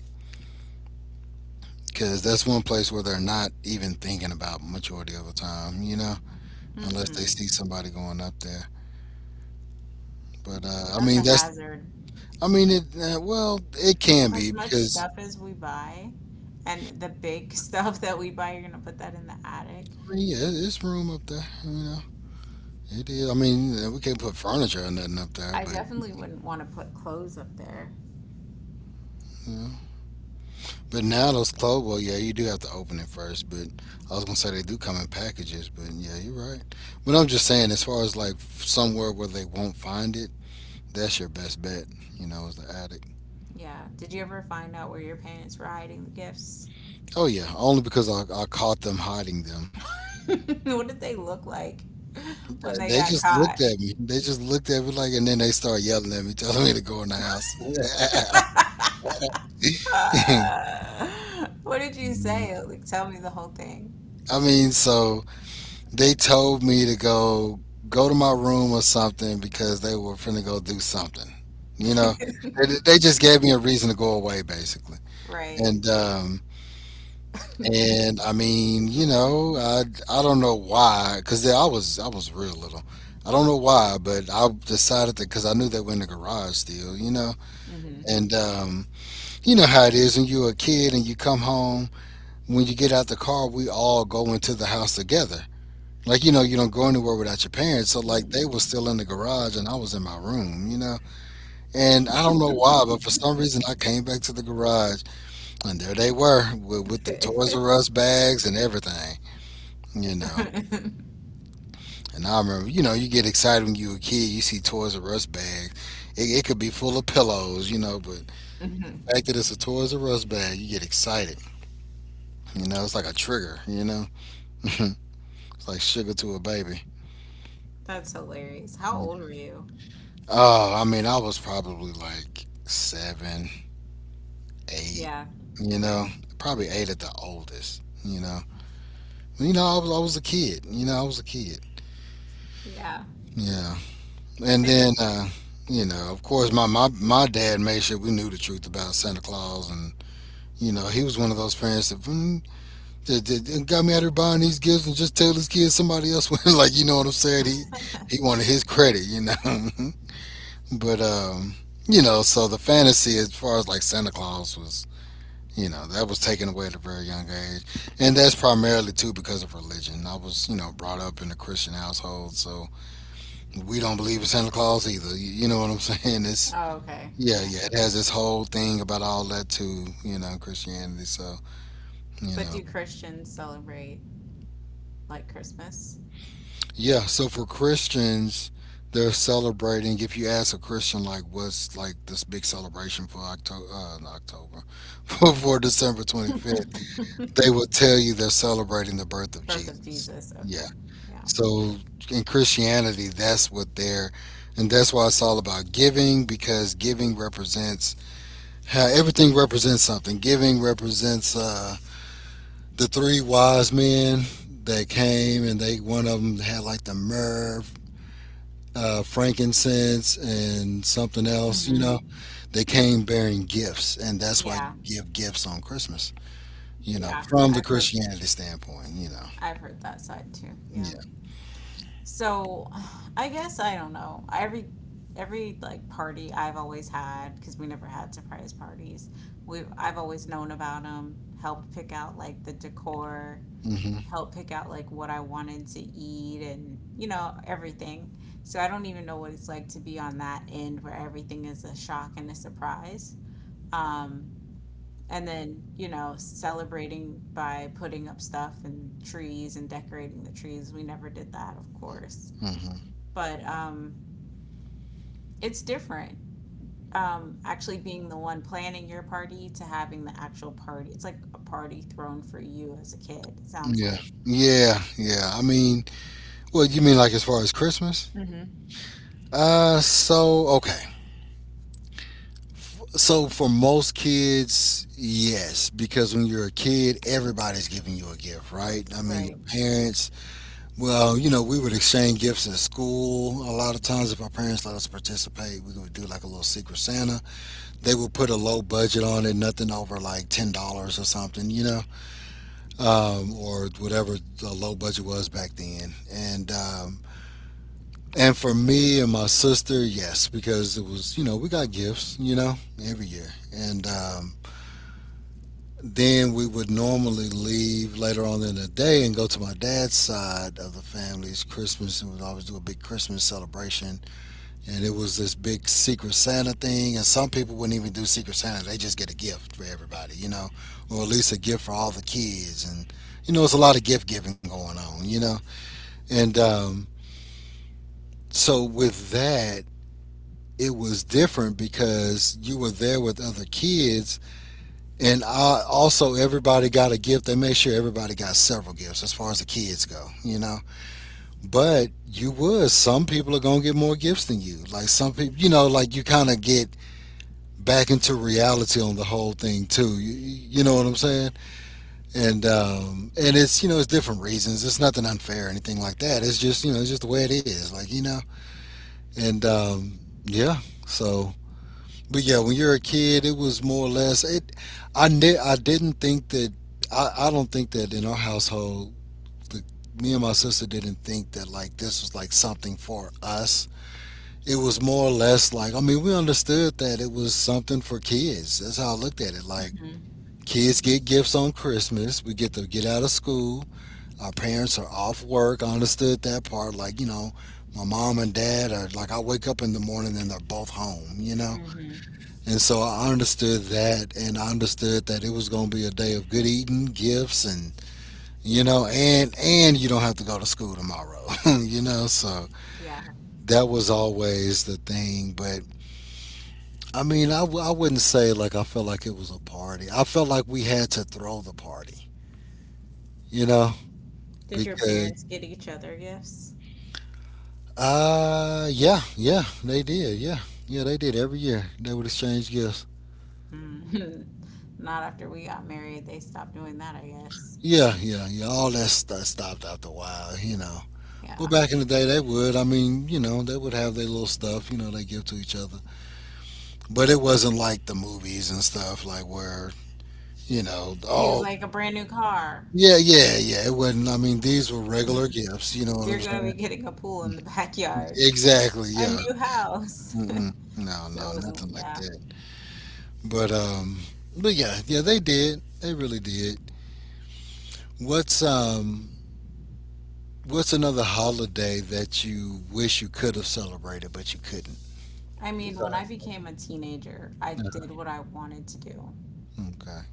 B: because that's one place where they're not even thinking about majority of the time, you know? Unless they
A: Mm-mm.
B: see somebody going up there. But I
A: That's
B: mean,
A: a
B: that's
A: hazard.
B: I mean it. Well, it can be
A: As much
B: because
A: stuff as we buy and the big stuff that we buy, you're gonna put that in the attic.
B: I mean, yeah, it's room up there. You know, it is. I mean, we can't put furniture or nothing up there,
A: I
B: but
A: definitely wouldn't want to put clothes up there.
B: you know. But now those clothes, well, yeah, you do have to open it first. But I was gonna say they do come in packages, but yeah, you're right. But I'm just saying, as far as like somewhere where they won't find it, that's your best bet. You know, is the attic.
A: Yeah. Did you ever find out where your parents were hiding the gifts?
B: Oh yeah, only because I caught them hiding them.
A: What did they look like when they
B: They
A: got
B: just
A: caught?
B: looked at me. They just looked at me like, and then they started yelling at me, telling me to go in the house.
A: What did you say? Like, tell me the whole thing.
B: I mean, so they told me to go to my room or something because they were finna go do something. You know, they just gave me a reason to go away, basically.
A: Right.
B: And um, and I mean, you know, I don't know why, cause I was real little. I don't know why, but I decided that because I knew they were in the garage still. You know,
A: Hmm.
B: and you know how it is when you're a kid and you come home. When you get out the car, we all go into the house together. Like you know, you don't go anywhere without your parents. So like they
A: Hmm.
B: were still in the garage and I was in my room. You know, and I don't know why, but for some reason I came back to the garage and there they were with the Toys R Us bags and everything. You know, and I remember, you know, you get excited when you're a kid. You see Toys R Us bags. It could be full of pillows, you know, but
A: Hmm.
B: the fact that it's a Toys R Us bag, you get excited. You know, it's like a trigger, you know? it's like sugar to a baby.
A: That's hilarious. How old were you?
B: Oh, I mean, I was probably like seven, eight,
A: Yeah.
B: you know? Probably eight at the oldest, you know? You know, I was a kid, you know? I was a kid.
A: Yeah.
B: Yeah. And then,
A: It's
B: you know, of course, my dad made sure we knew the truth about Santa Claus. And, you know, he was one of those parents that, mm, that got me out here buying these gifts and just tell his kids somebody else was. Like, you know what I'm saying? He wanted his credit, you know? But you know, so the fantasy as far as like Santa Claus was, you know, that was taken away at a very young age, and that's primarily too because of religion. I was, you know, brought up in a Christian household, so we don't believe in Santa Claus either. You know what I'm saying? It's
A: oh, okay.
B: yeah,
A: Okay.
B: yeah. It has this whole thing about all that too, you know, Christianity. So you
A: But
B: know,
A: do Christians celebrate like Christmas?
B: yeah, so for Christians, they're celebrating. If you ask a Christian, like, what's like this big celebration for October, not October, for December 25th, they will tell you they're celebrating the birth of
A: Birth of
B: Jesus.
A: Jesus.
B: Yeah.
A: Okay. Yeah.
B: So in Christianity, that's what they're, and that's why it's all about giving because giving represents how everything represents something. Giving represents the three wise men that came, and they one of them had like the myrrh frankincense and something else, you
A: Hmm.
B: know, they came bearing gifts, and that's why
A: Yeah.
B: you give gifts on Christmas, you know,
A: Yeah.
B: from the Christianity standpoint, you know.
A: I've heard that side too. Yeah.
B: Yeah.
A: So, I guess I don't know. Every like party I've always had because we never had surprise parties. We I've always known about them, helped pick out like the decor,
B: Mhm.
A: helped pick out like what I wanted to eat and you know everything. So I don't even know what it's like to be on that end where everything is a shock and a surprise. Um, and then, celebrating by putting up stuff and trees and decorating the trees. We never did that, of course,
B: Mhm.
A: but it's different. Actually, being the one planning your party to having the actual party, it's like a party thrown for you as a kid, it sounds
B: Yeah.
A: like.
B: Yeah. Yeah. I mean, well, you mean like as far as Christmas?
A: Hmm
B: So okay. So for most kids, yes, because when you're a kid, everybody's giving you a gift, right? I mean, your
A: Right.
B: parents, well, you know, we would exchange gifts at school. A lot of times, if our parents let us participate, we would do like a little Secret Santa. They would put a low budget on it, nothing over like $10 or something, you know, or whatever the low budget was back then. And for me and my sister, yes, because it was you know we got gifts, you know, every year. And then we would normally leave later on in the day and go to my dad's side of the family's Christmas. And we'd always do a big Christmas celebration. And it was this big Secret Santa thing. And some people wouldn't even do Secret Santa, they just get a gift for everybody, you know, or at least a gift for all the kids. And, you know, it's a lot of gift giving going on, you know. And so with that, it was different because you were there with other kids. And I, also, everybody got a gift. They made sure everybody got several gifts as far as the kids go, you know. But you would. Some people are going to get more gifts than you. Like some people, you know, like you kind of get back into reality on the whole thing too. You know what I'm saying? And it's you know it's different reasons. It's nothing unfair or anything like that. It's just it's just the way it is. And yeah, so But yeah, when you're a kid, it was more or less it. I didn't think that. I don't think that in our household, the, me and my sister didn't think that like this was like something for us. It was more or less like. I mean, we understood that it was something for kids. That's how I looked at it. Like
A: hmm
B: kids get gifts on Christmas. We get to get out of school. Our parents are off work. I understood that part. Like, my mom and dad are like I wake up in the morning and they're both home. You know?
A: hmm
B: And so I understood that, and I understood that it was going to be a day of good eating, gifts, and, and you don't have to go to school tomorrow, So
A: Yeah.
B: that was always the thing. But I mean, I wouldn't say like I felt like it was a party. I felt like we had to throw the party, you know,
A: Did your
B: because
A: parents get each other gifts?
B: yeah, yeah, they did, yeah, yeah, they did every year. They would exchange gifts.
A: Mm. Not after we got married. They stopped doing that, I guess.
B: Yeah, yeah, yeah. All that stuff stopped after a while, you know. Well,
A: Yeah.
B: back in the day, they would. I mean, you know, they would have their little stuff, they give to each other. But it wasn't like the movies and stuff, like where, you know,
A: He was
B: all.
A: like a brand new car.
B: Yeah, yeah, yeah. It wasn't. I mean, these were regular gifts. You know what
A: You're
B: I'm
A: gonna
B: saying?
A: be getting a pool in the backyard.
B: Exactly.
A: A
B: Yeah.
A: new house.
B: Mm-mm. No,
A: So
B: no,
A: it
B: nothing
A: wasn't,
B: like
A: yeah.
B: that. But um, but yeah, yeah, they did. They really did. What's um, what's another holiday that you wish you could have celebrated but you couldn't?
A: I mean, when I
B: Besides, like,
A: became a teenager, I did what I wanted to do.
B: okay,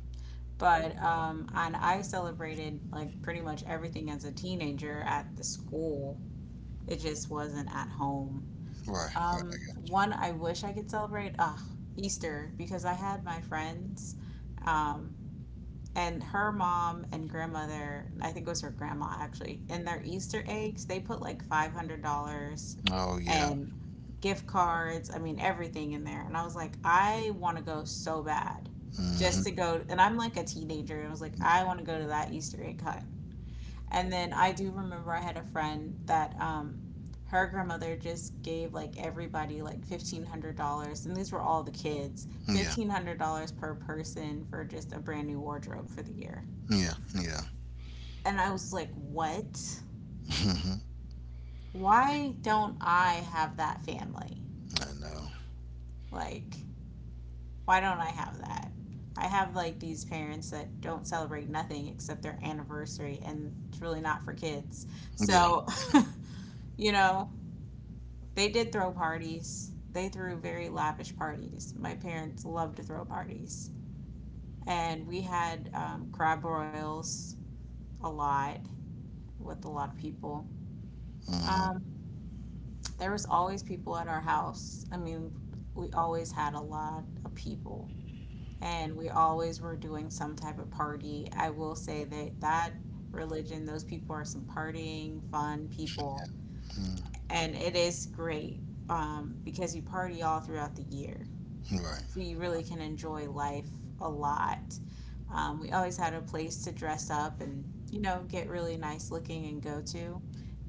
A: But and I celebrated like pretty much everything as a teenager at the school. It just wasn't at home.
B: right, right.
A: One I wish I could celebrate, ah, Easter, because I had my friends and her mom and grandmother, I think it was her grandma actually, in their Easter eggs, they put like $500
B: Oh yeah.
A: and gift cards, I mean, everything in there. And I was like, I want to go so bad just to
B: Hmm.
A: go. And I'm like a teenager. And I was like, I
B: Yeah.
A: want to go to that Easter egg hunt. And then I do remember I had a friend that her grandmother just gave like everybody like $1,500, and these were all the kids,
B: Yeah.
A: $1,500 per person for just a brand new wardrobe for the year.
B: Yeah. Yeah.
A: And I was like, "What?
B: Hmm.
A: Why don't I have that family?
B: I know.
A: Like, why don't I have that?" I have like these parents that don't celebrate nothing except their anniversary, and it's really not for kids.
B: Yeah.
A: So, you know, they did throw parties. They threw very lavish parties. My parents loved to throw parties. And we had crab broils, a lot, with a lot of people.
B: Hmm.
A: There was always people at our house. I mean, we always had a lot of people and we always were doing some type of party. I will say that religion, those people are some partying, fun
B: Yeah.
A: people,
B: Mm.
A: and it is great because you party all throughout the year. So you
B: Right.
A: really can enjoy life a lot. We always had a place to dress up and, you know, get really nice looking and go to,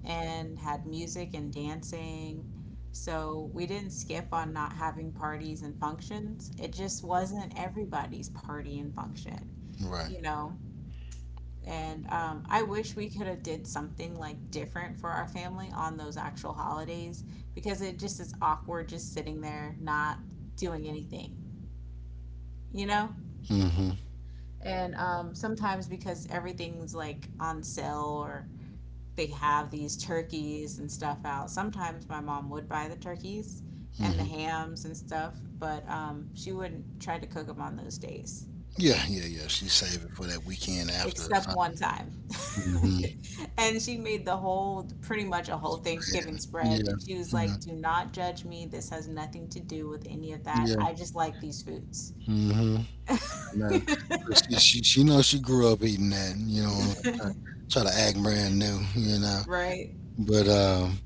A: and had music and dancing. So we didn't skip on not having parties and functions. It just wasn't everybody's party and function,
B: Right.
A: you know. And I wish we could have did something like different for our family on those actual holidays because it just is awkward just sitting there not doing anything, you know?
B: Hmm.
A: And sometimes because everything's like on sale or they have these turkeys and stuff out, sometimes my mom would buy the turkeys and the
B: Hmm.
A: hams and stuff, but she wouldn't try to cook them on those days,
B: Yeah. Yeah. Yeah. She's saving for that weekend after, or
A: except one
B: something.
A: time.
B: Mhm.
A: And she made the whole, pretty much a whole Thanksgiving
B: Yeah.
A: spread. And
B: Yeah.
A: she was like, do not judge me, this has nothing to do with any of that,
B: Yeah.
A: I just like these foods.
B: Hmm. I know. So, she she knows she grew up eating that. You know, try, try to act brand new. You know,
A: Right.
B: but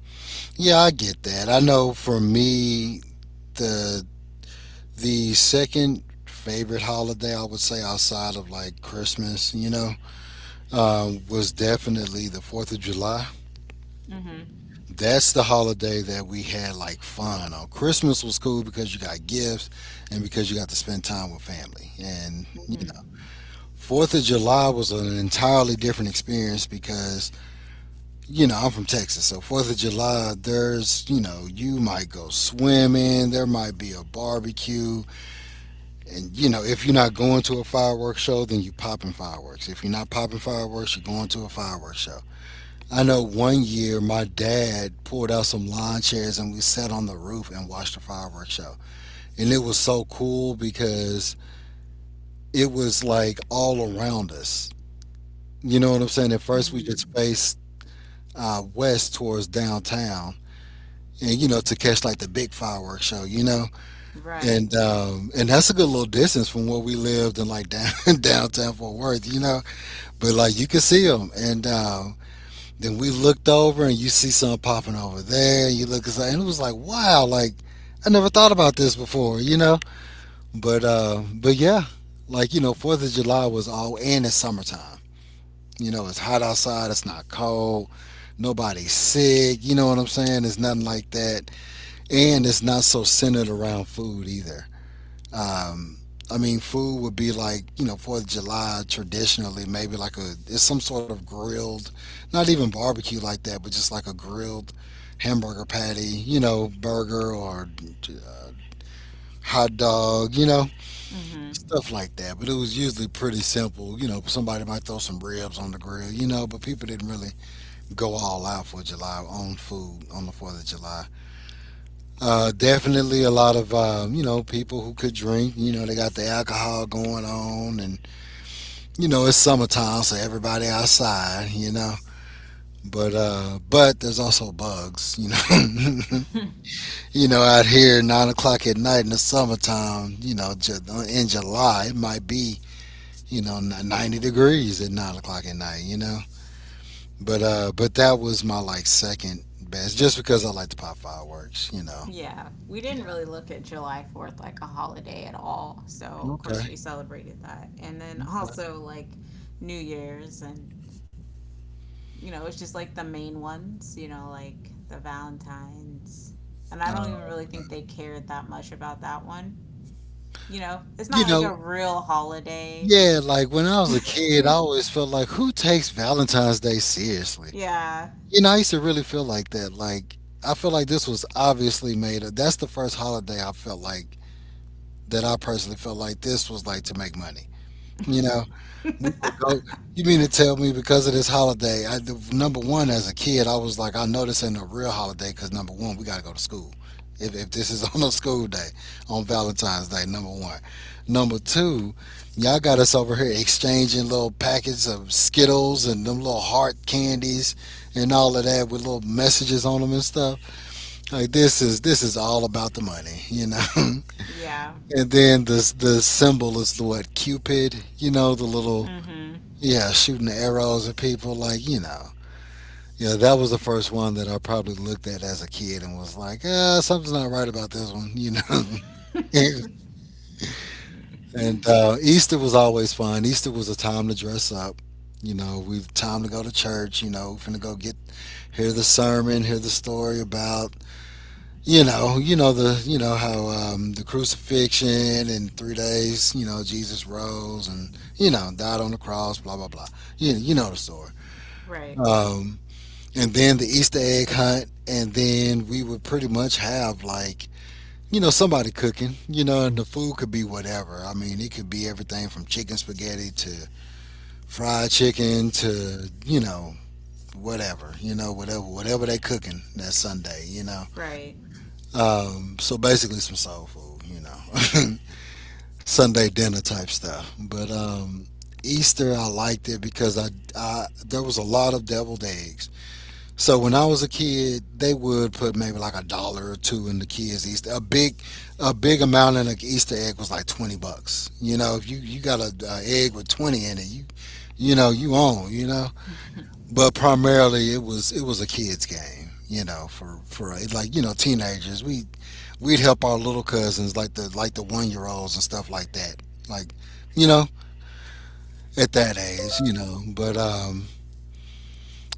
B: yeah, I get that. I know for me, the the second favorite holiday I would say outside of like Christmas, was definitely the 4th of July.
A: Mm-hmm.
B: That's the holiday that we had like fun on. Christmas was cool because you got gifts and because you got to spend time with family. And, you
A: Mm-hmm.
B: know, 4th of July was an entirely different experience because, you know, I'm from Texas. So 4th of July, there's, you know, you might go swimming, there might be a barbecue. And you know, if you're not going to a fireworks show, then you're popping fireworks. If you're not popping fireworks, you're going to a fireworks show. I know one year my dad pulled out some lawn chairs and we sat on the roof and watched the fireworks show. And it was so cool because it was like all around us. You know what I'm saying? At first, we
A: Mm-hmm.
B: just faced west towards downtown and, you know, to catch like the big fireworks show, you know?
A: Right.
B: And that's a good little distance from where we lived in like down, downtown Fort Worth, you know? But like you could see them, and then we looked over, and you see something popping over there. And you look, aside, and it was like, wow, like I never thought about this before, you know. But yeah, like you know, 4th of July was all, and it's summertime. You know, it's hot outside. It's not cold. Nobody's sick. You know what I'm saying? It's nothing like that, and it's not so centered around food either. Um, I mean, food would be like, you know, 4th of July traditionally, maybe like a, it's some sort of grilled, not even barbecue like that, but just like a grilled hamburger patty, you know, burger or hot dog, you know, stuff like that. But it was usually pretty simple. You know, somebody might throw some ribs on the grill, you know, but people didn't really go all out for July on food on the 4th of July. Definitely a lot of, you know, people who could drink, you know, they got the alcohol going on and you know, it's summertime, so everybody outside, you know. But there's also bugs, you know. you know, out here 9 o'clock at night in the summertime, you know, in July it might be you know 90 degrees at 9 o'clock at night, you know. But that was my like second best, just because I like to pop fireworks, you know.
A: Yeah, we
B: Yeah.
A: didn't really look at July 4th like a holiday at all. So, of course, we
B: Okay.
A: celebrated that. And then
B: Okay.
A: also like New Year's and, you know, it's just like the main ones, you know, like the Valentine's. And I don't even really
B: Um,
A: think they cared that much about that one. You know, it's
B: you
A: not like
B: know,
A: a real holiday.
B: yeah, like when I was a kid, I always felt like who takes Valentine's Day seriously?
A: Yeah.
B: You know, I used to really feel like that. Like, I feel like this was obviously made. That's the first holiday I felt like that I personally felt like this was like to make money. You know, we would go. You mean to tell me because of this holiday? Number one, as a kid, I was like, I know this ain't a real holiday because number one, we gotta go to school. If this is on a school day, on Valentine's Day, number one. Number two, y'all got us over here exchanging little packets of Skittles and them little heart candies and all of that with little messages on them and stuff. Like this is all about the money, you know. and
A: Yeah.
B: then the symbol is the what, Cupid, you know, the little
A: Mm-hmm.
B: yeah, shooting the arrows at people, like, you know. Yeah, that was the first one that I probably looked at as a kid and was like, something's not right about this one, you know. and Easter was always fun. Easter was a time to dress up. You know, we time to go to church. You know, finna go get hear the sermon, hear the story about you know the you know how the crucifixion and 3 days. You know, Jesus rose and you know died on the cross. Blah blah blah. You know the story.
A: Right.
B: Um, and then the Easter egg hunt, and then we would pretty much have like you know somebody cooking, you know, and the food could be whatever. I mean, it could be everything from chicken spaghetti to fried chicken to you know whatever, you know, whatever they cooking that Sunday, you know.
A: Right.
B: So basically, some soul food, you know, Sunday dinner type stuff. But Easter, I liked it because I there was a lot of deviled eggs. So when I was a kid, they would put maybe like a dollar or two in the kids' Easter. A big amount in an Easter egg was like $20. You know, if you got a egg with twenty in it, you know you own. You know, but primarily it was a kids' game. You know, for it's like you know teenagers, we'd help our little cousins like the 1 year olds and stuff like that. Like you know at that age, you know, but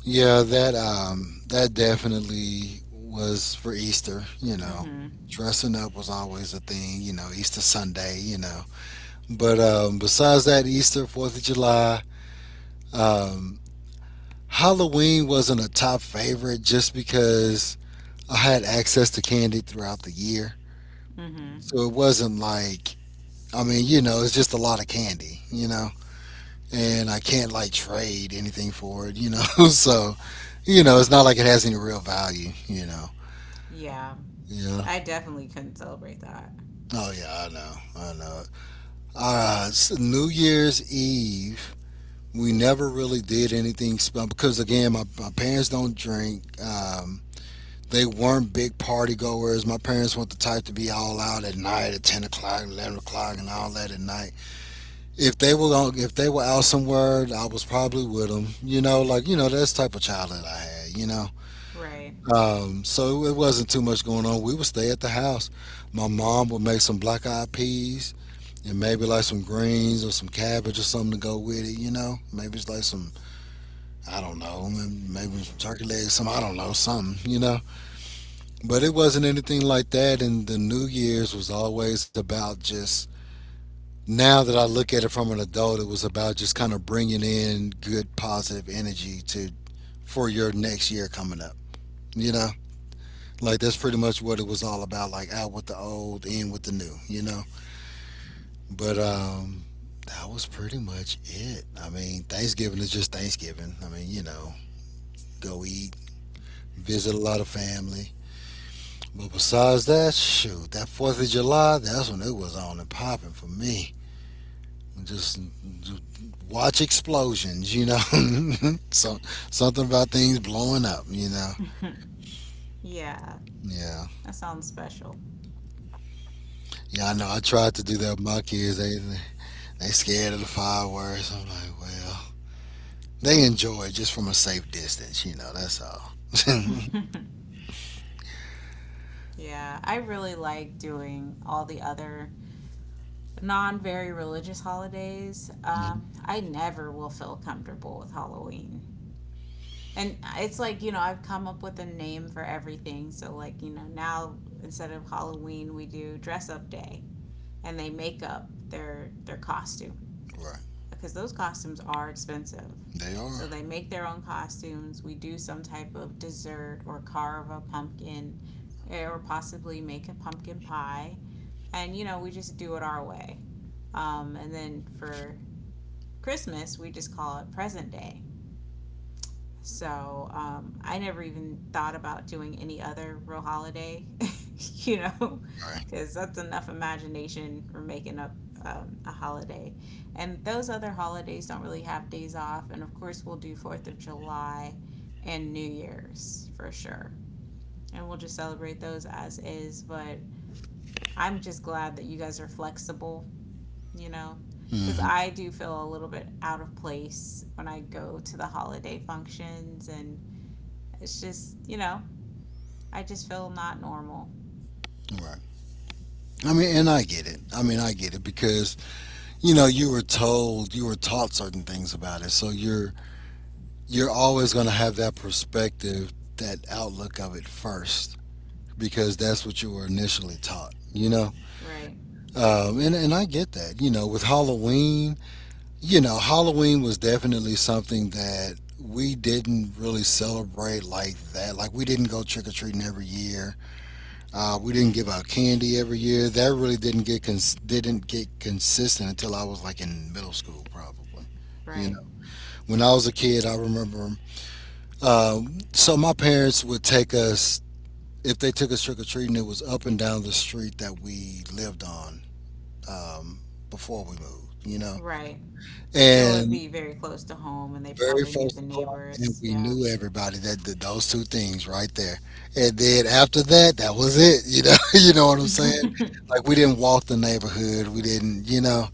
B: yeah, that definitely was for Easter, you know.
A: Mm-hmm.
B: Dressing up was always a thing, you know, Easter Sunday, you know. But besides that, Easter, 4th of July, um Halloween wasn't a top favorite just because I had access to candy throughout the year.
A: Mm-hmm.
B: So it wasn't like. I mean, you know, it's just a lot of candy, you know. And I can't like trade anything for it, you know. so, you know, it's not like it has any real value, you know.
A: Yeah.
B: Yeah.
A: I definitely couldn't celebrate that.
B: Oh yeah, I know. I know. New Year's Eve, we never really did anything special because again, my parents don't drink. They weren't big party goers. My parents weren't the type to be all out at night at 10 o'clock, 11 o'clock, and all that at night. If they were out somewhere, I was probably with them. You know, like you know, that's the type of childhood I had. You know,
A: Right.
B: so it wasn't too much going on. We would stay at the house. My mom would make some black eyed peas and maybe like some greens or some cabbage or something to go with it, you know. Maybe it's like some I don't know, maybe some turkey legs, some I don't know, something, you know. But it wasn't anything like that, and the New Year's was always about just Now that I look at it from an adult, it was about just kind of bringing in good positive energy to for your next year coming up, you know. Like that's pretty much what it was all about, like out with the old, in with the new, you know. But that was pretty much it. I mean, Thanksgiving is just Thanksgiving. I mean, you know, go eat, visit a lot of family. But besides that, shoot, that Fourth of July, that's when it was on and popping for me. Just, just watch explosions, you know. So something about things blowing up, you know.
A: Yeah.
B: Yeah,
A: That sounds special.
B: yeah, I know. I tried to do that with my kids. They scared of the fireworks. I'm like, well. They enjoy it just from a safe distance, you know, that's all.
A: Yeah, I really like doing all the other non very religious holidays.
B: Mhm.
A: I never will feel comfortable with Halloween. And it's like, you know, I've come up with a name for everything. So, like, you know, now instead of Halloween, we do dress up day, and they make up their costume,
B: Right.
A: because those costumes are expensive.
B: They are.
A: So they make their own costumes. We do some type of dessert or carve a pumpkin, or possibly make a pumpkin pie. And, you know, we just do it our way. And then for Christmas, we just call it present day. So I never even thought about doing any other real holiday, you know,
B: Right.
A: because that's enough imagination for making up a holiday. And those other holidays don't really have days off. And of course, we'll do 4th of July and New Year's for sure. And we'll just celebrate those as is. But I'm just glad that you guys are flexible, you know, because
B: Hmm.
A: I do feel a little bit out of place when I go to the holiday functions and it's just, you know, I just feel not normal.
B: Right. I mean, and I get it. I mean, I get it because you know you were told, you were taught certain things about it, so you're always going to have that perspective, that outlook of it first, because that's what you were initially taught. You know,
A: Right,
B: and I get that. You know, with Halloween, you know, Halloween was definitely something that we didn't really celebrate like that. Like, we didn't go trick or treating every year. We didn't give out candy every year. That really didn't get consistent until I was like in middle school, probably. You
A: right,
B: know, when I was a kid, I remember. So my parents would take us if they took us trick or treating. It was up and down the street that we lived on um, before we moved. You know,
A: right. So it would
B: and
A: be very close to home and they
B: very
A: probably knew the
B: first o'clock, and
A: neighbors.
B: we
A: Yeah.
B: knew everybody that did those two things right there. And then after that, that was it. You know, you know what I'm saying? Like we didn't walk the neighborhood, we didn't, you know,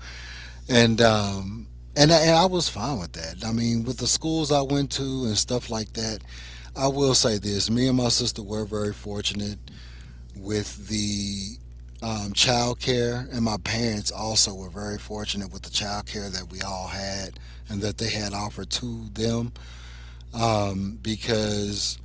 B: and um, and I was fine with that. I mean, with the schools I went to and stuff like that, I will say this: me and my sister were very fortunate with the. Child care, and my parents also were very fortunate with the child care that we all had and that they had offered to them because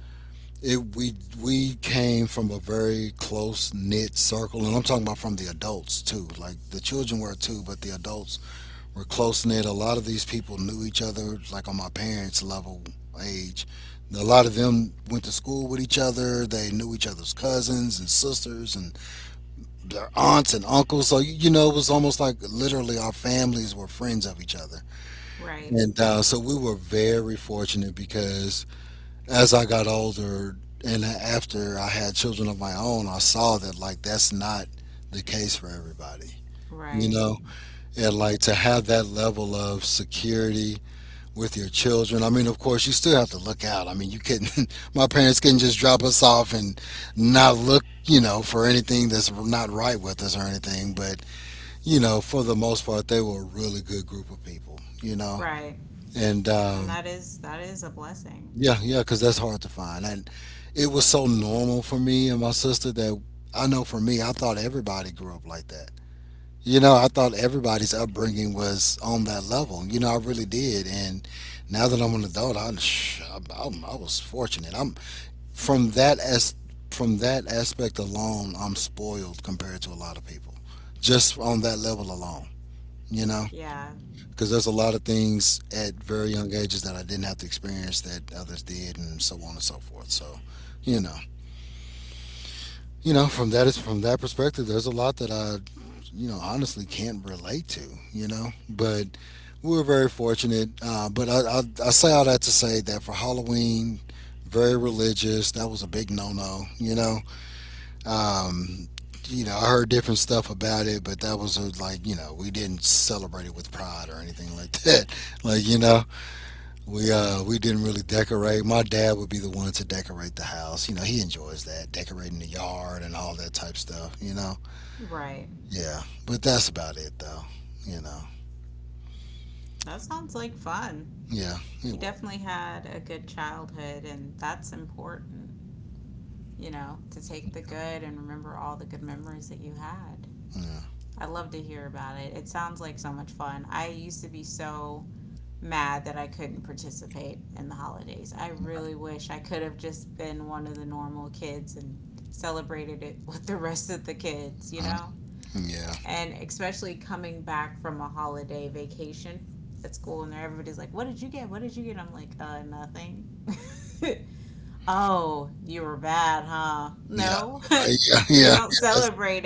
B: it we came from a very close knit circle, and I'm talking about from the adults too. Like the children were too, but the adults were close knit. A lot of these people knew each other, like on my parents' level age. A lot of them went to school with each other. They knew each other's cousins and sisters and their aunts and uncles. So, you know, it was almost like literally our families were friends of each other.
A: Right,
B: And so we were very fortunate because as I got older and after I had children of my own, I saw that like that's not the case for everybody. You
A: right,
B: know, and like to have that level of security with your children. I mean, of course, you still have to look out. I mean, you couldn't, my parents couldn't just drop us off and not look, you know, for anything that's not right with us or anything. But, you know, for the most part, they were a really good group of people, you know.
A: right.
B: And
A: And that is a blessing.
B: yeah, yeah, because that's hard to find. And it was so normal for me and my sister that I know for me, I thought everybody grew up like that. You know, I thought everybody's upbringing was on that level. You know, I really did. And now that I'm an adult, I was fortunate. I'm from that as From that aspect alone, I'm spoiled compared to a lot of people. Just on that level alone, you know
A: Yeah,
B: because there's a lot of things at very young ages that I didn't have to experience that others did, and so on and so forth. So, you know, from that is from that perspective, there's a lot that I, you know, honestly can't relate to. You know, but we were very fortunate. But I say all that to say that for Halloween, very religious. That was a big no-no. Um, you know, I heard different stuff about it, but that was a, like, you know, we didn't celebrate it with pride or anything like that. Like, you know, we didn't really decorate. My dad would be the one to decorate the house. You know, he enjoys that, decorating the yard and all that type stuff, you know.
A: right.
B: Yeah. But that's about it though. You know.
A: That sounds like fun.
B: Yeah, it
A: You
B: was.
A: definitely had a good childhood, and that's important, you know, to take the good and remember all the good memories that you had.
B: Yeah.
A: I love to hear about it. It sounds like so much fun. I used to be so mad that I couldn't participate in the holidays. I really wish I could have just been one of the normal kids and celebrated it with the rest of the kids, you
B: Mhm.
A: know?
B: Yeah.
A: And especially coming back from a holiday vacation at school, and everybody's like, what did you get? What did you get? I'm like, uh, nothing. oh, you were bad, huh?
B: Yeah.
A: No,
B: Right. Yeah. Yeah,
A: we
B: yeah.
A: don't
B: That's
A: celebrate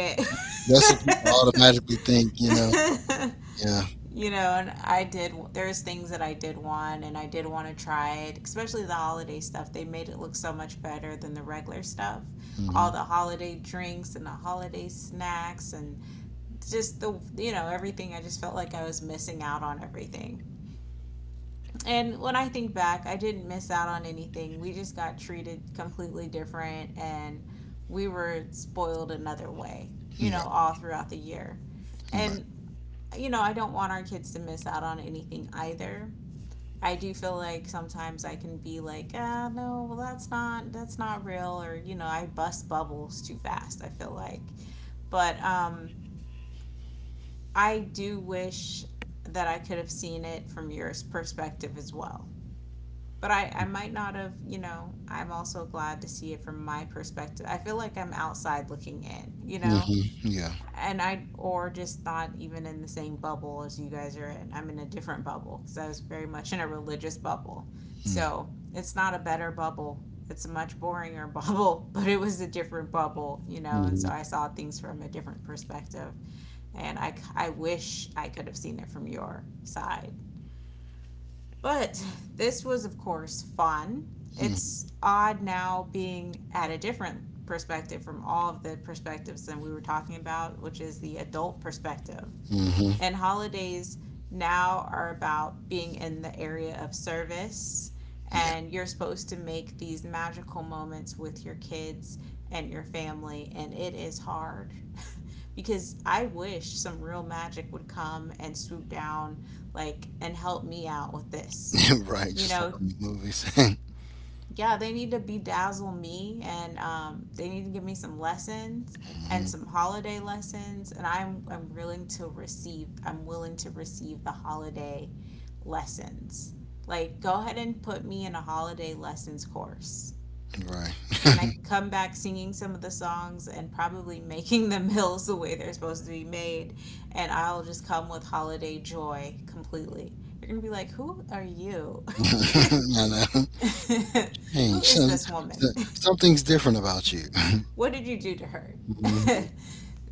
B: that's what people
A: it.
B: automatically think, you know. Yeah.
A: you know, and I did, there's things that I did want and I did want to try it, especially the holiday stuff. They made it look so much better than the regular stuff. All
B: Mhm.
A: the holiday drinks and the holiday snacks and just the, you know, everything. I just felt like I was missing out on everything. And when I think back, I didn't miss out on anything. We just got treated completely different, and we were spoiled another way, you know,
B: Right.
A: all throughout the year.
B: Right.
A: And you know, I don't want our kids to miss out on anything either. I do feel like sometimes I can be like, ah, no, well, that's not real, or you know, I bust bubbles too fast, I feel like, but I do wish that I could have seen it from your perspective as well. But I might not have, you know. I'm also glad to see it from my perspective. I feel like I'm outside looking in, you know?
B: Mhm. Yeah.
A: And I, or just not even in the same bubble as you guys are in. I'm in a different bubble because I was very much in a religious bubble.
B: Mm.
A: So it's not a better bubble. It's a much boringer bubble, but it was a different bubble, you know. And so
B: Mhm.
A: I saw things from a different perspective, and I wish I could have seen it from your side, but this was, of course, fun. It's
B: Mhm.
A: odd now being at a different perspective from all of the perspectives that we were talking about, which is the adult perspective.
B: Mhm.
A: And holidays now are about being in the area of service.
B: Yeah.
A: And you're supposed to make these magical moments with your kids and your family. And it is hard because I wish some real magic would come and swoop down, like, and help me out with this.
B: Right,
A: You
B: just like
A: know,
B: on the movies.
A: yeah, they need to bedazzle me, and they need to give me some lessons and
B: Mhm.
A: some holiday lessons. And I'm willing to receive, I'm willing to receive the holiday lessons. Like, go ahead and put me in a holiday lessons course.
B: Right.
A: And I can come back singing some of the songs and probably making the meals the way they're supposed to be made. And I'll just come with holiday joy completely. You're going to be like, who are you?
B: I know. Hey,
A: who is
B: some,
A: this woman?
B: so- something's different about you.
A: what did you do to her?
B: Hmm.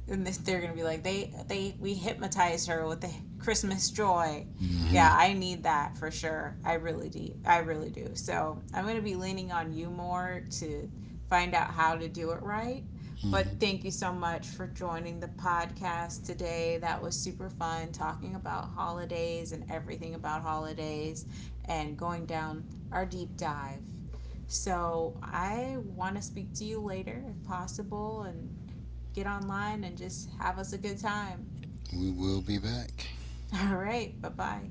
A: and they're gonna be like, they we hypnotized her with the Christmas joy. Yeah,
B: Hmm.
A: I need that for sure. I really do. I really do. So I'm gonna be leaning on you more to find out how to do it right. But
B: Hmm.
A: thank you so much for joining the podcast today. That was super fun talking about holidays and everything about holidays and going down our deep dive. So I want to speak to you later if possible and get online and just have us a good time.
B: We will be back.
A: All right, bye bye.